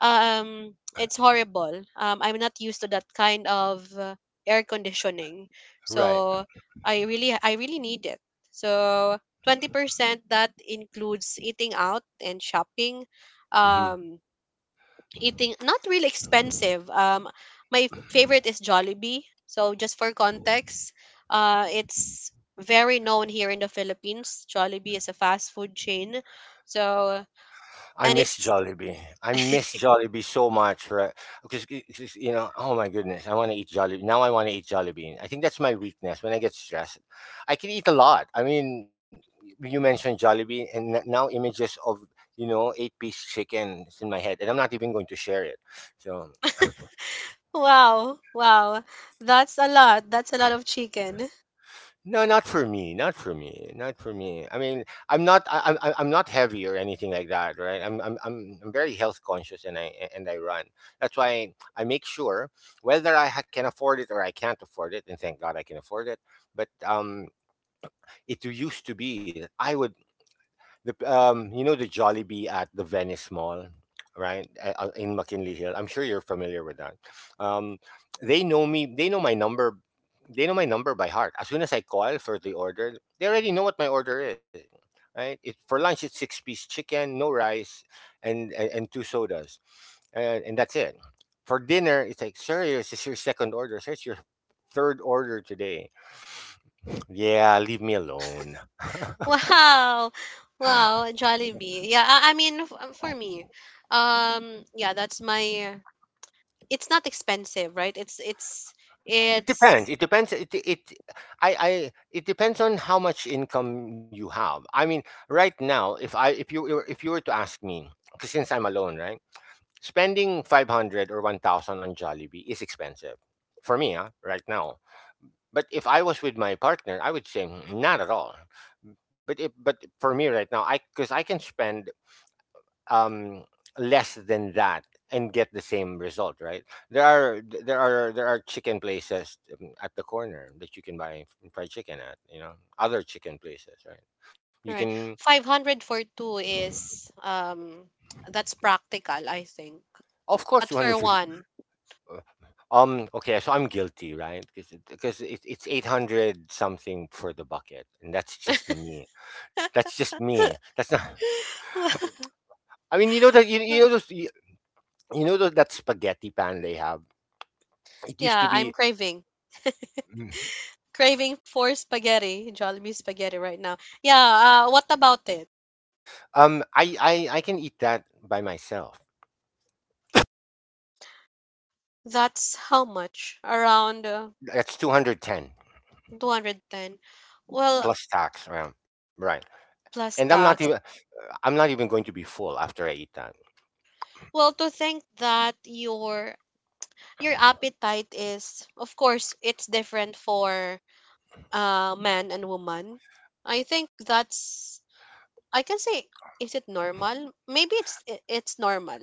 Speaker 1: um it's horrible. um I'm not used to that kind of uh, air conditioning,
Speaker 2: right.
Speaker 1: so i really I really need it. So twenty percent that includes eating out and shopping.
Speaker 2: Hmm.
Speaker 1: um eating not really expensive. um my favorite is Jollibee, so just for context, uh it's very known here in the Philippines. Jollibee is a fast food chain. So
Speaker 2: I
Speaker 1: and
Speaker 2: miss
Speaker 1: it's
Speaker 2: Jollibee. I miss Jollibee so much, right? Because it- it's just, you know, oh my goodness, I want to eat Jollibee. Now I want to eat Jollibee. I think that's my weakness. When I get stressed, I can eat a lot. I mean, you mentioned Jollibee, and n- now images of you know eight piece chicken is in my head, and I'm not even going to share it. So
Speaker 1: Wow, wow. That's a lot. That's a lot of chicken.
Speaker 2: no, not for me. Not for me. Not for me. I mean, I'm not. I, I'm. I'm I'm not heavy or anything like that, right? I'm. I'm. I'm I'm very health conscious, and I and I run. That's why I make sure whether I ha- can afford it or I can't afford it, and thank God I can afford it. But um, it used to be that I would the um, you know the Jollibee at the Venice Mall, right? Uh, uh, in McKinley Hill. I'm sure you're familiar with that. Um, they know me. They know my number. They know my number by heart. As soon as I call for the order, they already know what my order is. Right? It, for lunch, it's six piece chicken, no rice, and and, and two sodas, and, and that's it. For dinner, it's like, sir, this is your second order. Sir, it's your third order today. Yeah, leave me alone.
Speaker 1: Wow. Wow, Jollibee. Yeah, I, I mean f- um, for me. Um yeah, that's my, it's not expensive, right? It's it's
Speaker 2: It
Speaker 1: it's
Speaker 2: depends. It depends. It it I I it depends on how much income you have. I mean, right now, if I if you were- if you were to ask me, 'cause since I'm alone, right, spending five hundred or one thousand on Jollibee is expensive for me, huh, right now. But if I was with my partner, I would say, "Mm, not at all." But it, but for me right now, I because I can spend um, less than that and get the same result, right? There are there are there are chicken places um, at the corner that you can buy fried chicken at, you know, other chicken places, right? You
Speaker 1: right.
Speaker 2: can,
Speaker 1: five hundred for two is um that's practical, I think.
Speaker 2: of course,
Speaker 1: But
Speaker 2: two
Speaker 1: for
Speaker 2: hundred fifty.
Speaker 1: one.
Speaker 2: uh, Um, okay, so I'm guilty, right? Because it, it's eight hundred something for the bucket, and that's just me. That's just me. That's not. I mean, you know that you, you know those you, you know those, that spaghetti pan they have. It used
Speaker 1: Yeah,
Speaker 2: to
Speaker 1: I'm
Speaker 2: be.
Speaker 1: craving. Craving for spaghetti, Jollibee spaghetti right now. Yeah, uh, what about it?
Speaker 2: Um, I, I I can eat that by myself.
Speaker 1: That's how much? Around uh,
Speaker 2: That's two hundred ten
Speaker 1: two hundred ten. Well,
Speaker 2: plus tax around, right?
Speaker 1: plus
Speaker 2: And I'm not
Speaker 1: tax.
Speaker 2: even I'm not even going to be full after I eat that.
Speaker 1: Well, to think that your your appetite is, of course, it's different for uh man and woman. I think that's, I can say, is it normal? Maybe it's i- it's normal.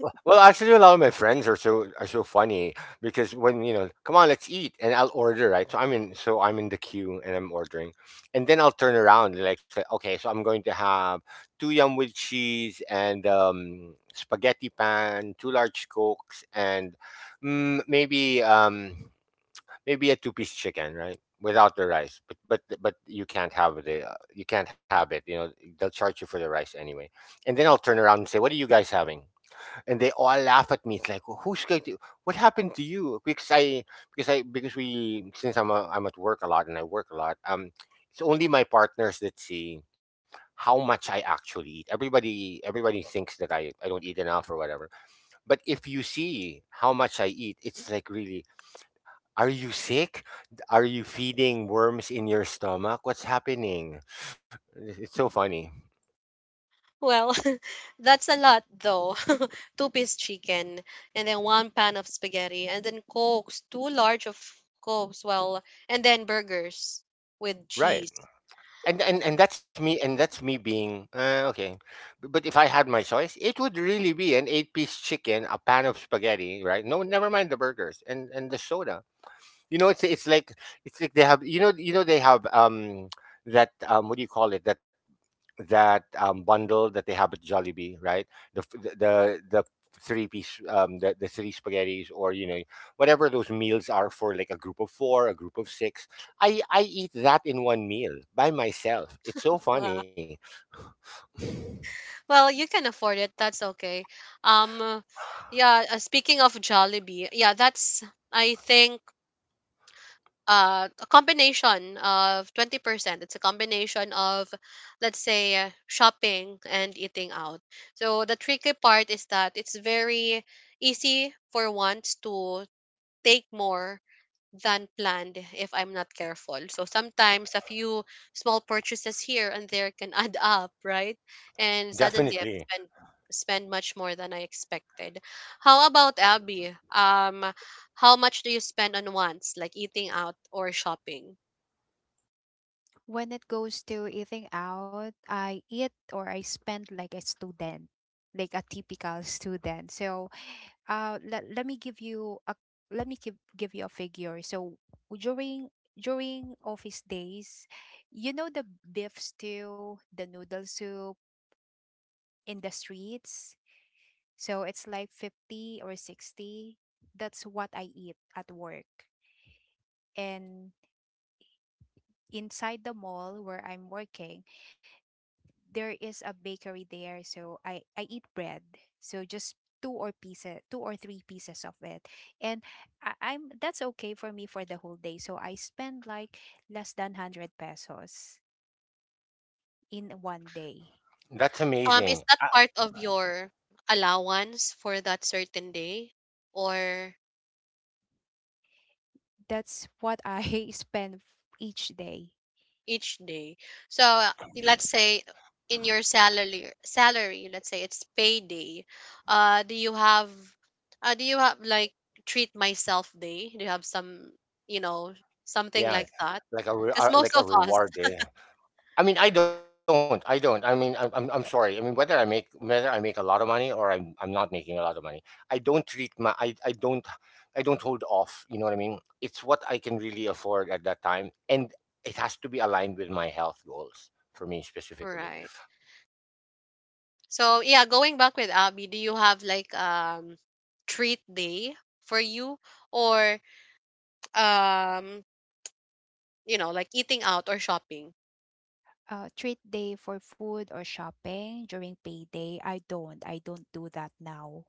Speaker 2: Well, well, actually, a lot of my friends are so are so funny because when you know, come on, let's eat, and I'll order, right? So I'm in, so I'm in the queue and I'm ordering, and then I'll turn around and like say, okay, so I'm going to have two yum with cheese and um, spaghetti pan, two large cokes, and mm, maybe um, maybe a two piece chicken, right? Without the rice, but but but you can't have the uh, you can't have it. You know they'll charge you for the rice anyway. And then I'll turn around and say, "What are you guys having?" And they all laugh at me. It's like, well, "Who's going to? What happened to you?" Because I because I because we since I'm a, I'm at work a lot and I work a lot. Um, it's only my partners that see how much I actually eat. Everybody everybody thinks that I I don't eat enough or whatever. But if you see how much I eat, it's like, really, are you sick? Are you feeding worms in your stomach? What's happening? It's it's so funny.
Speaker 1: Well, that's a lot though. Two piece chicken, and then one pan of spaghetti, and then cokes, two large of cokes, well, and then burgers with
Speaker 2: Right.
Speaker 1: cheese.
Speaker 2: And and, and that's me and that's me being uh, okay. B- But if I had my choice, it would really be an eight-piece chicken, a pan of spaghetti, right? No, never mind the burgers and and the soda. You know, it's it's like it's like they have you know you know they have um that um what do you call it, that that um, bundle that they have at Jollibee, right? The f- the the the three piece, um, the the three spaghetti's, or you know, whatever those meals are for, like a group of four, a group of six. I I eat that in one meal by myself. It's so
Speaker 1: Wow.
Speaker 2: funny.
Speaker 1: Well, you can afford it. That's okay. Um, yeah, uh, speaking of Jollibee, yeah, that's, I think, uh, a combination of twenty percent. It's a combination of, let's say, uh, shopping and eating out. So the tricky part is that it's very easy for ones to take more than planned if I'm not careful. So sometimes a few small purchases here and there can add up, right? And suddenly I've
Speaker 2: Definitely.
Speaker 1: spent spend much more than I expected. How about Abby? Um, how much do you spend on wants, like eating out or shopping?
Speaker 3: When it goes to eating out, I eat or I spend like a student, like a typical student. So uh let, let me give you a, let me give, give you a figure. So during during office days, you know the beef stew, the noodle soup, in the streets, so it's like fifty or sixty. That's what I eat at work. And inside the mall where I'm working, there is a bakery there, so I I eat bread. So just two or pieces, two or three pieces of it, and I, I'm that's okay for me for the whole day. So I spend like less than hundred pesos in one day.
Speaker 2: That's
Speaker 1: Um, is
Speaker 2: amazing.
Speaker 1: that part of your allowance for that certain day, or
Speaker 3: That's what I spend each day.
Speaker 1: each day. So uh, let's say in your salary salary, let's say it's payday. Uh, do you have uh, do you have like treat myself day? Do you have some, you know, something
Speaker 2: Yeah,
Speaker 1: like that?
Speaker 2: like a re-
Speaker 1: Cuz
Speaker 2: uh, like
Speaker 1: most
Speaker 2: a
Speaker 1: of us,
Speaker 2: reward, eh? I mean, I don't. I don't. I mean, I'm, I'm I'm sorry. I mean, whether I make whether I make a lot of money or I'm I'm not making a lot of money, I don't treat my I, I don't. I don't hold off. You know what I mean? It's what I can really afford at that time, and it has to be aligned with my health goals for me specifically.
Speaker 1: right. So yeah, going back with Abby, do you have like um treat day for you or um you know, like eating out or shopping?
Speaker 3: Uh, treat day for food or shopping during payday? I don't. I don't do that now.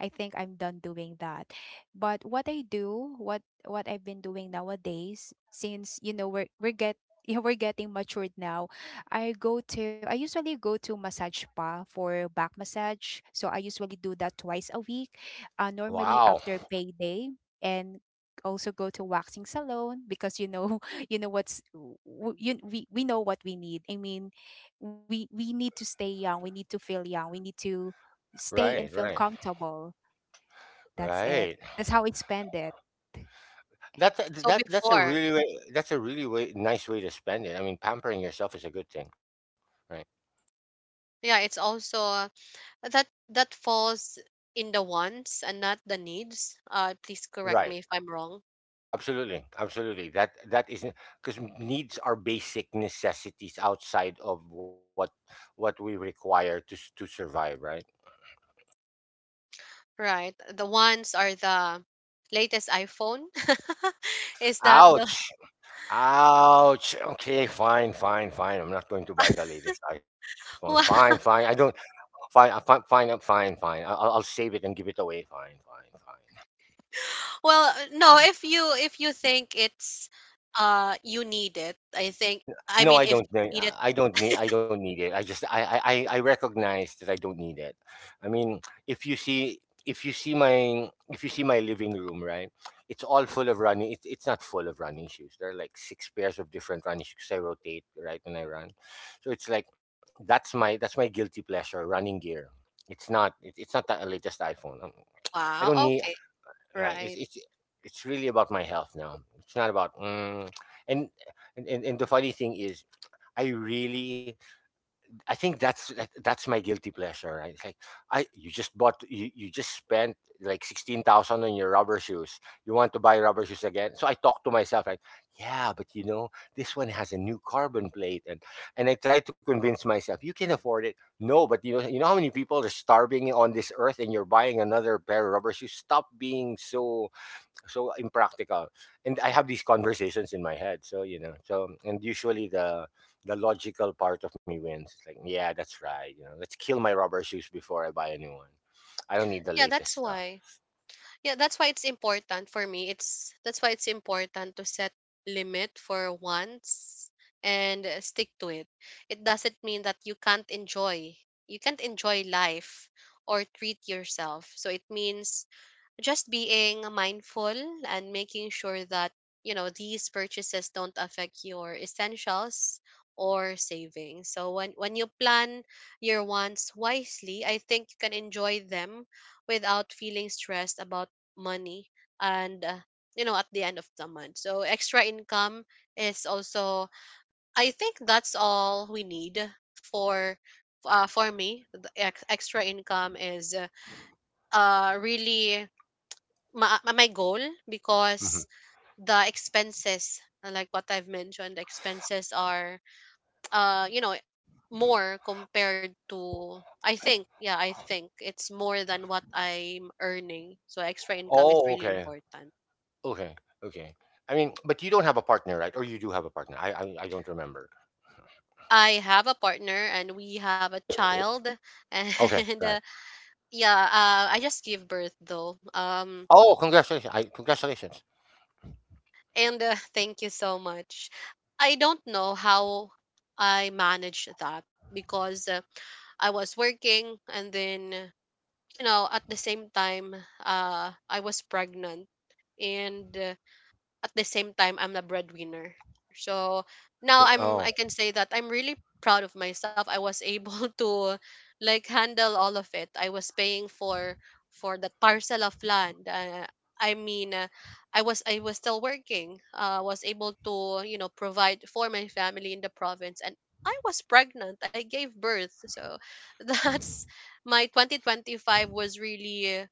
Speaker 3: I think I'm done doing that. But what I do, what what I've been doing nowadays, since you know we're we're get yeah, we're getting matured now. I go to I usually go to massage spa for back massage. So I usually do that twice a week. Uh, normally
Speaker 2: Wow.
Speaker 3: after payday, and also go to waxing salon because you know you know what's w- w- you, we we know what we need. I mean, we we need to stay young. We need to feel young. We need to stay and
Speaker 2: Right.
Speaker 3: feel
Speaker 2: Right.
Speaker 3: comfortable. That's it.
Speaker 2: Right.
Speaker 3: That's how I spend it.
Speaker 2: That's a,
Speaker 1: So
Speaker 2: that that's a
Speaker 1: before,
Speaker 2: really way, that's a really way, nice way to spend it. I mean, pampering yourself is a good thing. Right.
Speaker 1: yeah, it's also that that falls in the wants and not the needs. Uh, please correct
Speaker 2: Right.
Speaker 1: me if I'm wrong.
Speaker 2: Absolutely, absolutely. That that isn't because needs are basic necessities outside of what what we require to s- to survive, right?
Speaker 1: Right, the wants are the latest iPhone. Is that the
Speaker 2: Ouch, ouch. Okay, fine, fine, fine. I'm not going to buy the latest iPhone. Fine,
Speaker 1: well?
Speaker 2: fine. I don't. Fine, uh, fine, fine, uh, fine, fine. I- I'll, I'll save it and give it away. Fine, fine, fine.
Speaker 1: Well, no. If you, if you think it's uh you need it, I think. I
Speaker 2: No,
Speaker 1: mean,
Speaker 2: I
Speaker 1: if
Speaker 2: don't
Speaker 1: you
Speaker 2: need.
Speaker 1: need it,
Speaker 2: I don't need. I don't need it. I just. I. I. I I recognize that I don't need it. I mean, if you see, if you see my, if you see my living room, right? It's all full of running. It's. It's not full of running shoes. There are like six pairs of different running shoes I rotate right when I run, so it's like that's my that's my guilty pleasure. Running gear. It's not. It, it's not the latest iPhone. Um, I don't
Speaker 1: wow.
Speaker 2: need.
Speaker 1: Okay,
Speaker 2: Right. It's.
Speaker 1: right.
Speaker 2: It's. It's really about my health now. It's not about. Mm, and and, and and the funny thing is I really, I think that's that- that's my guilty pleasure, right? It's like I, you just bought, you, you just spent like sixteen thousand on your rubber shoes. You want to buy rubber shoes again? So I talk to myself like, yeah, but you know, this one has a new carbon plate, and and I try to convince myself you can afford it. No, but you know, you know how many people are starving on this earth, and you're buying another pair of rubber shoes. Stop being so so impractical, and I have these conversations in my head, so you know, so and usually the the logical part of me wins. It's like, yeah, that's right, you know, let's kill my rubber shoes before I buy a new one. I don't need the
Speaker 1: Yeah,
Speaker 2: latest
Speaker 1: that's
Speaker 2: stuff.
Speaker 1: why. Yeah, that's why it's important for me. It's, that's why it's important to set limit for once and uh, stick to it. It doesn't mean that you can't enjoy. You can't enjoy life or treat yourself. So it means just being mindful and making sure that you know these purchases don't affect your essentials or savings, so when when you plan your wants wisely, I think you can enjoy them without feeling stressed about money. And uh, you know, at the end of the month, so extra income is also, I think that's all we need for uh, for me the ex- extra income is uh, uh really my my goal, because
Speaker 2: Mhm.
Speaker 1: the expenses, uh, like what I've mentioned, the expenses are uh you know, more compared to, I think, yeah, I think it's more than what I'm earning. So extra income is
Speaker 2: Oh,
Speaker 1: really
Speaker 2: okay.
Speaker 1: important.
Speaker 2: Okay. Okay. I mean, but you don't have a partner, right? Or you do have a partner. i i, I don't remember.
Speaker 1: I have a partner and we have a child.
Speaker 2: Okay,
Speaker 1: and uh,
Speaker 2: right.
Speaker 1: Yeah, uh, I just give birth though. Um
Speaker 2: Oh, congratulations. I Congratulations.
Speaker 1: and uh, thank you so much. I don't know how I manage that because, uh, I was working, and then, you know, at the same time, uh I was pregnant, and uh, at the same time I'm the breadwinner. So now
Speaker 2: R-
Speaker 1: I'm, I
Speaker 2: oh,
Speaker 1: can say that I'm really proud of myself. I was able to like handle all of it. I was paying for for that parcel of land. Uh, I mean, uh, I was I was still working. Uh, was able to, you know, provide for my family in the province, and I was pregnant. I gave birth, so that's my twenty twenty-five was really,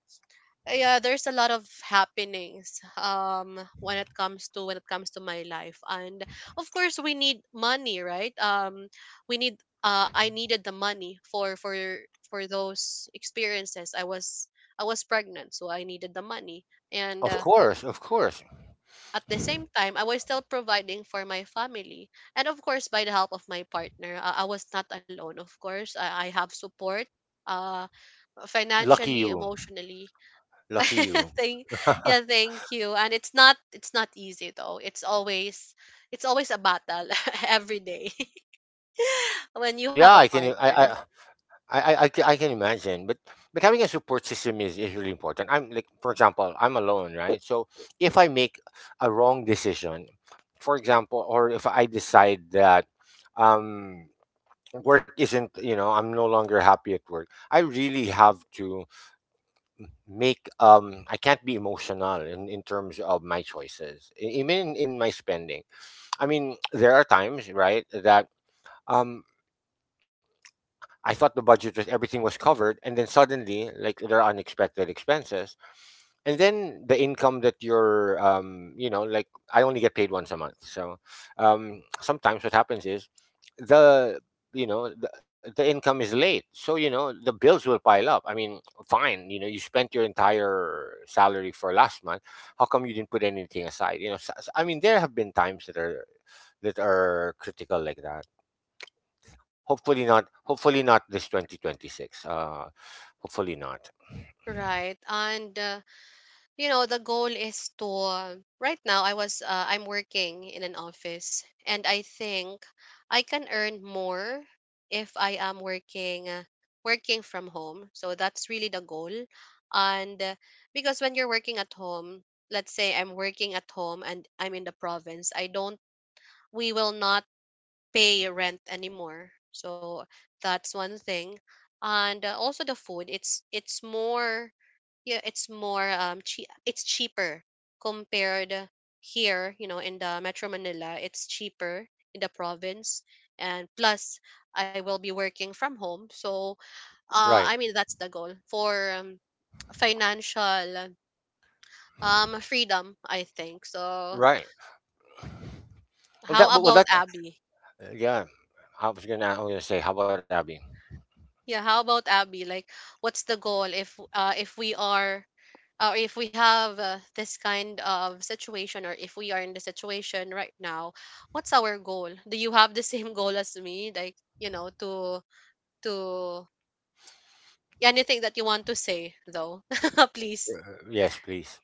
Speaker 1: yeah, there's a lot of happenings um when it comes to, when it comes to my life. And of course we need money, right? um we need uh I needed the money for for for those experiences. i was I was pregnant, so I needed the money. and
Speaker 2: of
Speaker 1: uh,
Speaker 2: course, of course.
Speaker 1: at the same time, I was still providing for my family. And of course, by the help of my partner, i, I was not alone. Of course, i, I have support, uh
Speaker 2: Lucky
Speaker 1: financially,
Speaker 2: you.
Speaker 1: emotionally.
Speaker 2: Lucky you.
Speaker 1: Thank, yeah, thank you. And it's not, it's not easy though. It's always, it's always a battle, every day. When you have
Speaker 2: yeah,
Speaker 1: a
Speaker 2: I can, i
Speaker 1: partner,
Speaker 2: i I I I ca- I can imagine, but but having a support system is is really important. I'm like, for example, I'm alone, right? So if I make a wrong decision, for example, or if I decide that um work isn't, you know, I'm no longer happy at work, I really have to make um I can't be emotional in in terms of my choices, e- even in, in my spending. I mean, there are times, right, that. Um, I thought the budget was everything was covered, and then suddenly, like there are unexpected expenses, and then the income that you're, um, you know, like I only get paid once a month, so um, sometimes what happens is the you know the, the income is late, so you know the bills will pile up. I mean, fine, you know, you spent your entire salary for last month. How come you didn't put anything aside? You know, so, so- I mean there have been times that are that are critical like that. Hopefully not. Hopefully not this twenty twenty-six. Uh, hopefully not.
Speaker 1: right? and uh, you know, the goal is to, uh, right now i was uh, I'm working in an office, and I think I can earn more if I am working, uh, working from home. So that's really the goal. And uh, because when you're working at home, let's say I'm working at home and I'm in the province, I don't, we will not pay rent anymore. So that's one thing. And uh, also the food, it's it's more, yeah, it's more um che- it's cheaper compared here, you know, in the Metro Manila. It's cheaper in the province. And plus I will be working from home. So uh I
Speaker 2: Right.
Speaker 1: mean, that's the goal for um, financial um freedom, I think. So
Speaker 2: Right. Well, that.
Speaker 1: how
Speaker 2: Well,
Speaker 1: about
Speaker 2: that.
Speaker 1: Abby?
Speaker 2: Uh, Yeah. I was gonna. I was gonna say, how about Abby?
Speaker 1: Yeah, how about Abby? Like, what's the goal if, uh if we are, or if we have, uh, this kind of situation, or if we are in the situation right now, what's our goal? Do you have the same goal as me? Like, you know, to to anything that you want to say though. Please.
Speaker 2: Uh, Yes, please.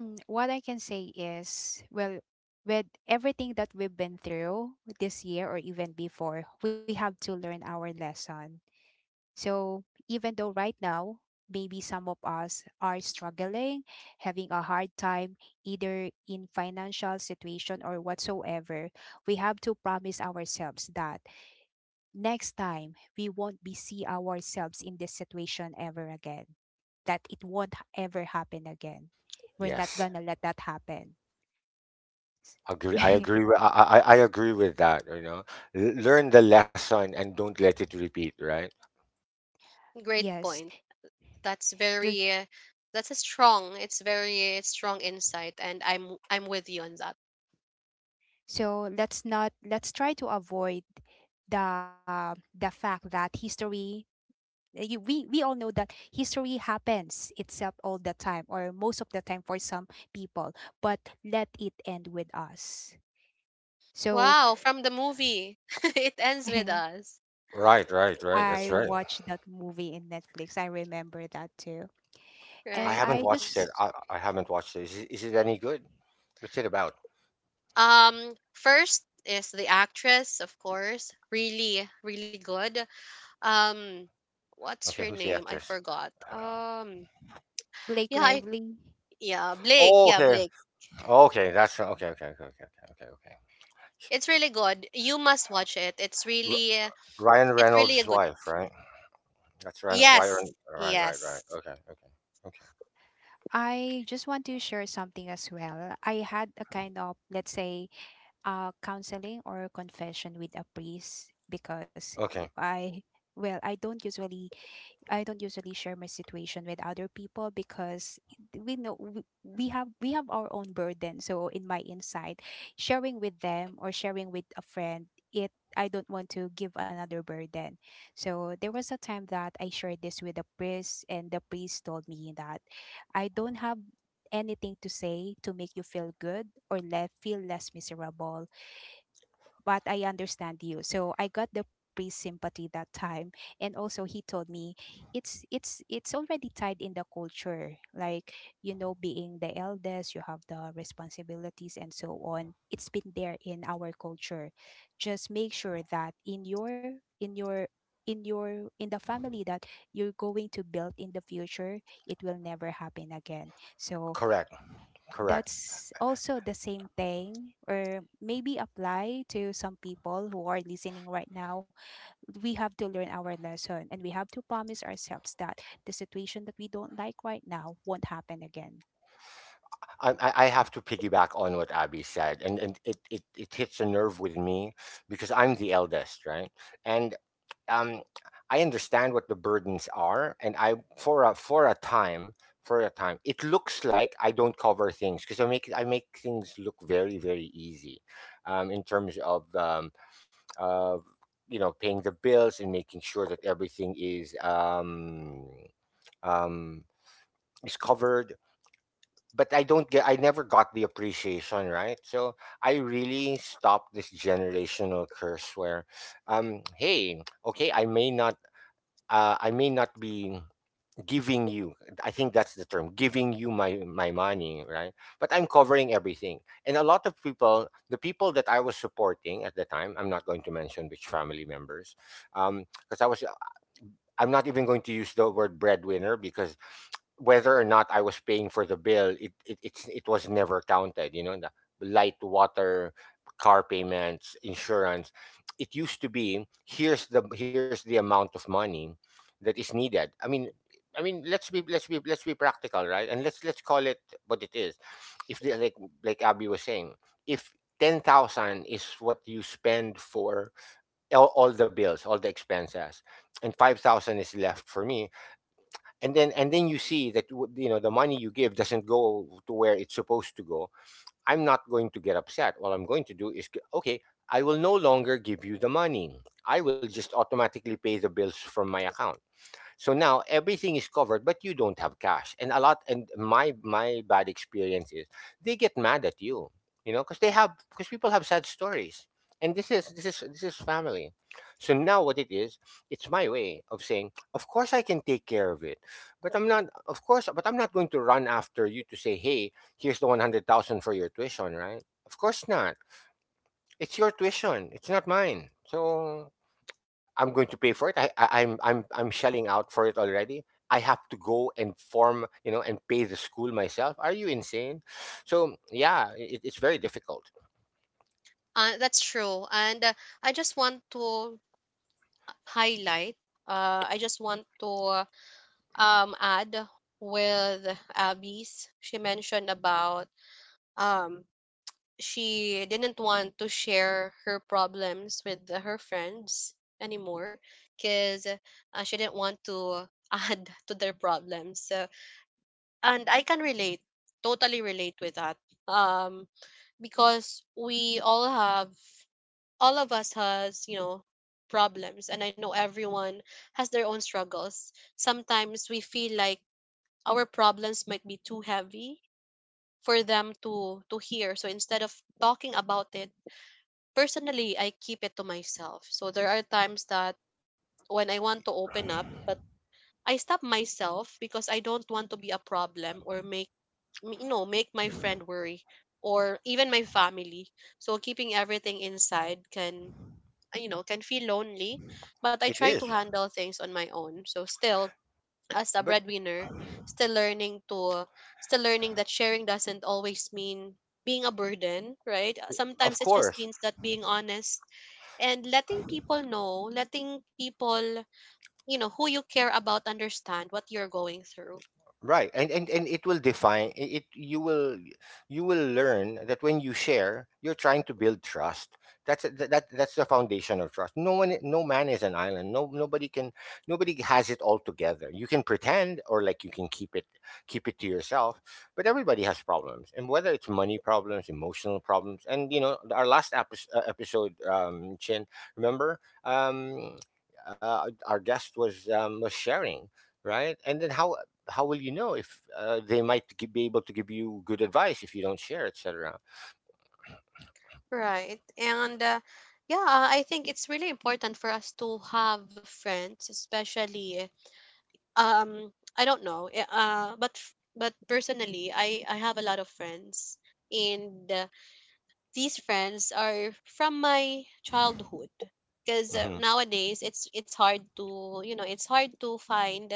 Speaker 3: Mm, What I can say is, well, with everything that we've been through this year or even before, we have to learn our lesson. So, even though right now, maybe some of us are struggling, having a hard time either in financial situation or whatsoever, we have to promise ourselves that Next time, we won't be see ourselves in this situation ever again. That it won't h- ever happen again. We're not
Speaker 2: Yes.
Speaker 3: gonna let that happen.
Speaker 2: Agree. I agree. With, I, I I I agree with that. You know, L- learn the lesson and don't let it repeat. Right.
Speaker 1: Great
Speaker 3: Yes.
Speaker 1: point. That's
Speaker 3: ju-
Speaker 1: very uh, that's a strong, it's very strong insight, and I'm I'm with you on that.
Speaker 3: So let's not let's try to avoid the the fact that history, uh, you, we we all know that history happens itself all the time or most of the time for some people, but let it end with us. So
Speaker 1: Wow, from the movie. It ends with us,
Speaker 2: Right. Right. Right.
Speaker 3: I
Speaker 2: That's right.
Speaker 3: watched that movie in Netflix. I remember that too.
Speaker 2: I
Speaker 3: And
Speaker 1: right?
Speaker 2: haven't
Speaker 3: I
Speaker 2: watched it.
Speaker 3: just,
Speaker 2: I, I haven't watched it. Is, it. Is it any good? What's it about?
Speaker 1: Um, first is the actress, of course, really, really good. Um,
Speaker 2: Okay.
Speaker 1: what's
Speaker 2: Who's
Speaker 1: her
Speaker 2: the
Speaker 1: name? I
Speaker 2: actress?
Speaker 1: forgot. Um,
Speaker 3: Blake
Speaker 1: yeah, I,
Speaker 3: Lively.
Speaker 1: yeah, Blake.
Speaker 2: Oh,
Speaker 1: Yeah,
Speaker 2: okay.
Speaker 1: Blake.
Speaker 2: Okay. That's okay. Okay. Okay. Okay. Okay. Okay.
Speaker 1: It's really good. You must watch it. It's really,
Speaker 2: R- Ryan
Speaker 1: it's really a
Speaker 2: Reynolds'
Speaker 1: good.
Speaker 2: wife, right? That's Ryan.
Speaker 1: Yes,
Speaker 2: Ryan. Right. Right.
Speaker 1: yes.
Speaker 2: Right. Okay. Okay. Okay.
Speaker 3: I just want to share something as well. I had a kind of, let's say, uh, counseling or confession with a priest, because
Speaker 2: Okay.
Speaker 3: I, well, I don't usually I don't usually share my situation with other people, because we know we, we have we have our own burden. So in my insight, sharing with them or sharing with a friend, it I don't want to give another burden. So there was a time that I shared this with a priest, and the priest told me that I don't have anything to say to make you feel good or let feel less miserable, but I understand you. So I got the priest sympathy that time. And also he told me it's it's it's already tied in the culture. Like, you know, being the eldest, you have the responsibilities and so on. It's been there in our culture. Just make sure that in your in your in your in the family that you're going to build in the future, it will never happen again. So
Speaker 2: Correct. Correct.
Speaker 3: that's also the same thing, or maybe apply to some people who are listening right now. We have to learn our lesson, and we have to promise ourselves that the situation that we don't like right now won't happen again.
Speaker 2: I, I I have to piggyback on what Abby said, and and it, it it hits a nerve with me because I'm the eldest, right? And um, I understand what the burdens are, and I for a for a time for a time it looks like I don't cover things because I make I make things look very very easy, um, in terms of um, uh, you know, paying the bills and making sure that everything is um, um, is covered. But I don't get. I never got the appreciation, right? So I really stopped this generational curse where, um, hey, okay, I may not, uh, I may not be giving you I think that's the term giving you my my money, right? But I'm covering everything. And a lot of people, the people that I was supporting at the time, I'm not going to mention which family members, um because i was i'm not even going to use the word breadwinner because whether or not I was paying for the bill, it it it's, it was never counted. You know, the light, water, car payments, insurance. It used to be, here's the here's the amount of money that is needed. I mean, I mean let's be let's be let's be practical, right? And let's let's call it what it is. If the, like like Abby was saying, if ten thousand is what you spend for all, all the bills, all the expenses, and five thousand is left for me, and then and then you see that w- you know the money you give doesn't go to where it's supposed to go, I'm not going to get upset. What I'm going to do is, okay, I will no longer give you the money. I will just automatically pay the bills from my account. So now everything is covered, but you don't have cash. And a lot, and my my bad experience is they get mad at you, you know, because they have because people have sad stories. And this is this is this is family. So now what it is, it's my way of saying, of course I can take care of it, but I'm not. Of course, but I'm not going to run after you to say, hey, here's the one hundred thousand for your tuition, right? Of course not. It's your tuition. It's not mine. So I'm going to pay for it. I, I I'm I'm I'm shelling out for it already. I have to go and form, you know, and pay the school myself. Are you insane? So yeah, it, it's very difficult.
Speaker 1: Uh, that's true. And uh, I just want to highlight. Uh, I just want to um add with Abby's. She mentioned about um she didn't want to share her problems with her friends anymore because, uh, she didn't want to add to their problems. So, and I can relate, totally relate with that. Um, because we all have, all of us has, you know, problems, and I know everyone has their own struggles. Sometimes we feel like our problems might be too heavy for them to to hear. So instead of talking about it, personally, I keep it to myself. So there are times that when I want to open up, but I stop myself because I don't want to be a problem or make m- you know, make my friend worry or even my family. So keeping everything inside can, uh, you know, can feel lonely, but I
Speaker 2: It
Speaker 1: try to
Speaker 2: is,
Speaker 1: handle things on my own. So still, as a
Speaker 2: but
Speaker 1: breadwinner, still learning to, still learning that sharing doesn't always mean being a burden, right? Sometimes
Speaker 2: of
Speaker 1: it just
Speaker 2: course,
Speaker 1: means that being honest, and letting people know, letting people, you know, who you care about understand what you're going through.
Speaker 2: right. And, and and it will define it it- you will you will learn that when you share, you're trying to build trust. That's that, that that's the foundation of trust. No one, no man is an island. No nobody can Nobody has it all together. You can pretend, or like you can keep it keep it to yourself, but everybody has problems. And whether it's money problems, emotional problems, and you know, our last episode, uh, episode, um Chin, remember? Um uh, our guest was um, was sharing, right? And then how how will you know if uh, they might gi- be able to give you good advice if you don't share, et cetera
Speaker 1: Right. And uh, yeah, I think it's really important for us to have friends, especially, um I don't know, eh, uh but but personally, I I have a lot of friends, and these friends are from my childhood, because, uh,
Speaker 2: Hmm.
Speaker 1: nowadays it's it's hard to, you know, it's hard to find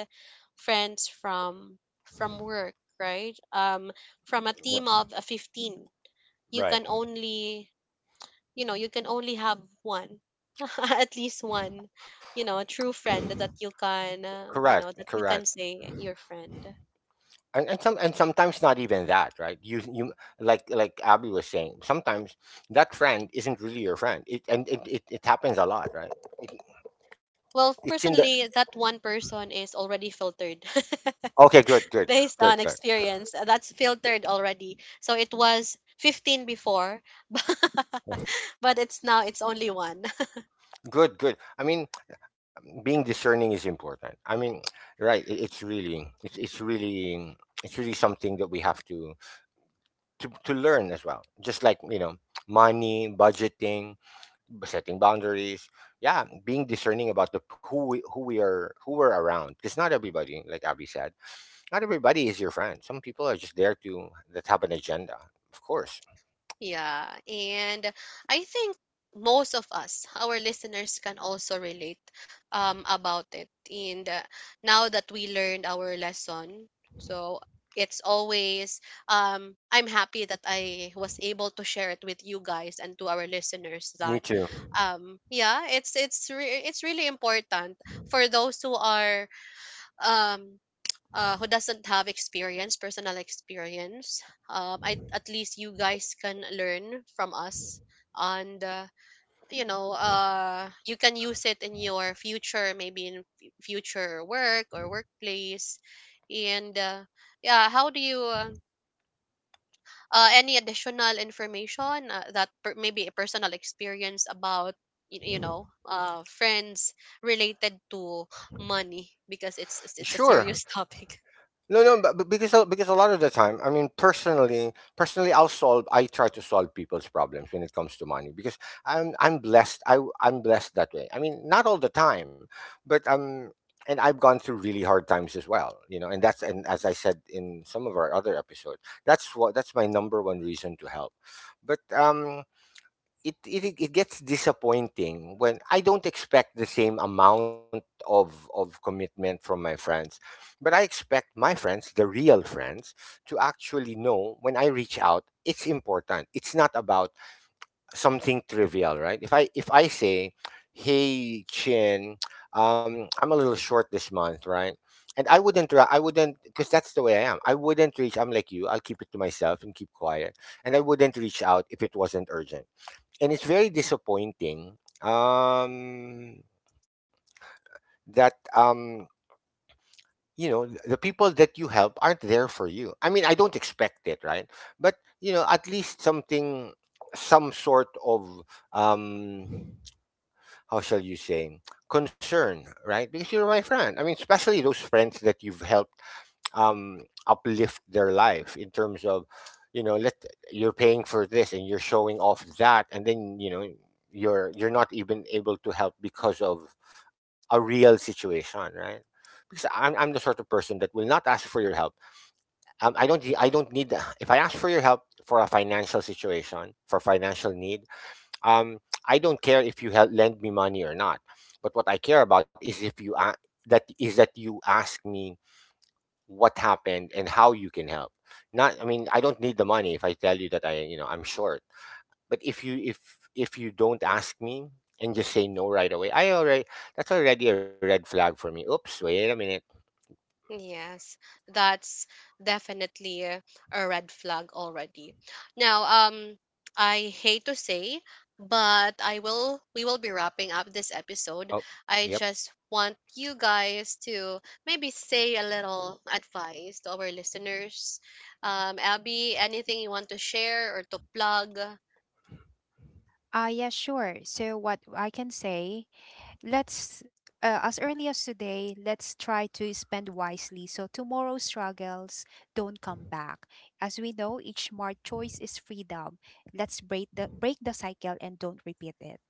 Speaker 1: friends from from work, right? um from a team of, uh, fifteen, you
Speaker 2: Right.
Speaker 1: can only, you know, you can only have one at least one, you know, true friend that you can, uh, you
Speaker 2: Correct.
Speaker 1: know, that you
Speaker 2: Correct.
Speaker 1: can say your friend.
Speaker 2: And, and some and sometimes not even that, right? You you like like Abby was saying, sometimes that friend isn't really your friend. It and it, it, it happens a lot, right? It,
Speaker 1: Well,
Speaker 2: it's in the
Speaker 1: personally, that one person is already filtered.
Speaker 2: Okay. Good. Good.
Speaker 1: Based
Speaker 2: Good.
Speaker 1: on experience. Uh, That's filtered already. So it was fifteen before, but
Speaker 2: Good.
Speaker 1: it's now, it's only one.
Speaker 2: Good, good. I mean, being discerning is important. I mean, right? It, it's really, it's it's really, it's really something that we have to to to learn as well. Just like, you know, money, budgeting, b- setting boundaries. Yeah, being discerning about the who we, who we are, who we're around. Because not everybody, like Abby said, not everybody is your friend. Some people are just there to that have an agenda. Of course.
Speaker 1: Yeah, and I think most of us, our listeners, can also relate um, about it. And uh, now that we learned our lesson, so it's always um, I'm happy that I was able to share it with you guys, and to our listeners, that
Speaker 2: Me too.
Speaker 1: um, yeah, it's it's re- it's really important for those who are, um, uh, who doesn't have experience, personal experience, um, I, at least you guys can learn from us. And, uh, you know, uh, you can use it in your future, maybe in f- future work or workplace. And, uh, yeah, how do you, uh, uh, any additional information uh, that per- maybe a personal experience about you, you know, uh, friends related to money, because it's it's it's a
Speaker 2: Sure.
Speaker 1: serious topic.
Speaker 2: No, no, but but because a- because a lot of the time, I mean, personally, personally, I'll solve. I try to solve people's problems when it comes to money because I'm I'm blessed. I I'm blessed that way. I mean, not all the time, but um, and I've gone through really hard times as well, you know. And that's and as I said in some of our other episodes, that's what that's my number one reason to help. But um, it, it it gets disappointing when I don't expect the same amount of of commitment from my friends, but I expect my friends, the real friends, to actually know when I reach out, it's important. It's not about something trivial, right? If I if I say, "Hey Chin, um, I'm a little short this month," right? And I wouldn't, ra- I wouldn't, because that's the way I am. I wouldn't reach. I'm like you. I'll keep it to myself and keep quiet. And I wouldn't reach out if it wasn't urgent, and it's very disappointing um that um you know, th- the people that you help aren't there for you. I mean, I don't expect it, right? But you know, at least something, some sort of, um how shall you say, concern, right? Because you're my friend. I mean, especially those friends that you've helped, um, uplift their life in terms of, you know, let, you're paying for this and you're showing off that, and then you know, you're you're not even able to help because of a real situation, right? because i'm, I'm the sort of person that will not ask for your help. um, i don't I don't need if I ask for your help for a financial situation, for financial need, um, I don't care if you help lend me money or not. But what I care about is if you a- that is that you ask me what happened and how you can help. Not, I mean, I don't need the money if I tell you that I, you know, I'm short. But if you if if you don't ask me and just say no right away, I already, that's already a red flag for me. Oops, wait a minute.
Speaker 1: Yes, that's definitely a a red flag already. Now, um, I hate to say, but I will, we will be wrapping up this episode.
Speaker 2: Oh.
Speaker 1: I
Speaker 2: Yep.
Speaker 1: just want you guys to maybe say a little advice to our listeners. Um, Abby, anything you want to share or to plug?
Speaker 3: Uh, yeah, sure. So what I can say Let's, uh, as early as today, let's try to spend wisely so tomorrow's struggles don't come back. As we know, each smart choice is freedom. Let's break the break the cycle and don't repeat it.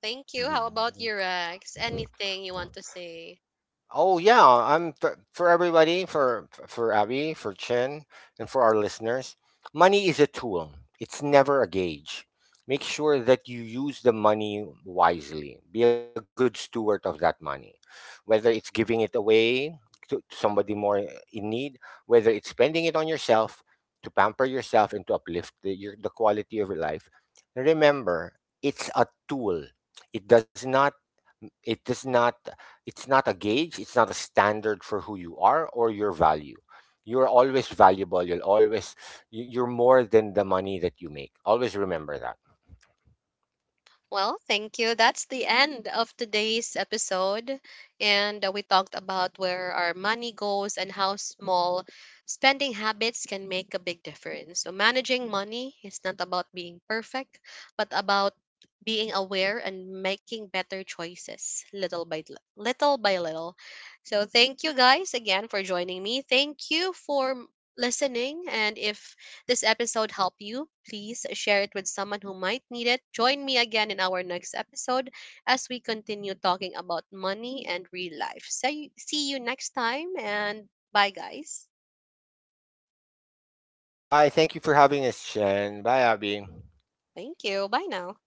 Speaker 1: Thank you. How about
Speaker 2: Mm.
Speaker 1: your ex? Anything you want to say?
Speaker 2: Oh yeah, I'm for, for everybody, for for Abby, for Chen, and for our listeners. Money is a tool. It's never a gauge. Make sure that you use the money wisely. Be a good steward of that money. Whether it's giving it away to to somebody more in need, whether it's spending it on yourself to pamper yourself and to uplift the, your, the quality of your life. Remember, it's a tool. It does not it does not it's not a gauge, it's not a standard for who you are or your value. You're always valuable. You'll always, you- you're more than the money that you make. Always remember that.
Speaker 1: Well, thank you. That's the end of today's episode. And uh, We talked about where our money goes and how small spending habits can make a big difference. So, managing money is not about being perfect, but about being aware and making better choices little by li- little by little. So, thank you guys again for joining me. Thank you for m- listening. And if this episode helped you, please share it with someone who might need it. Join me again in our next episode as we continue talking about money and real life. So, see you next time and bye, guys.
Speaker 2: Bye. Thank you for having us, Shen. Bye, Abby.
Speaker 1: Thank you. Bye now.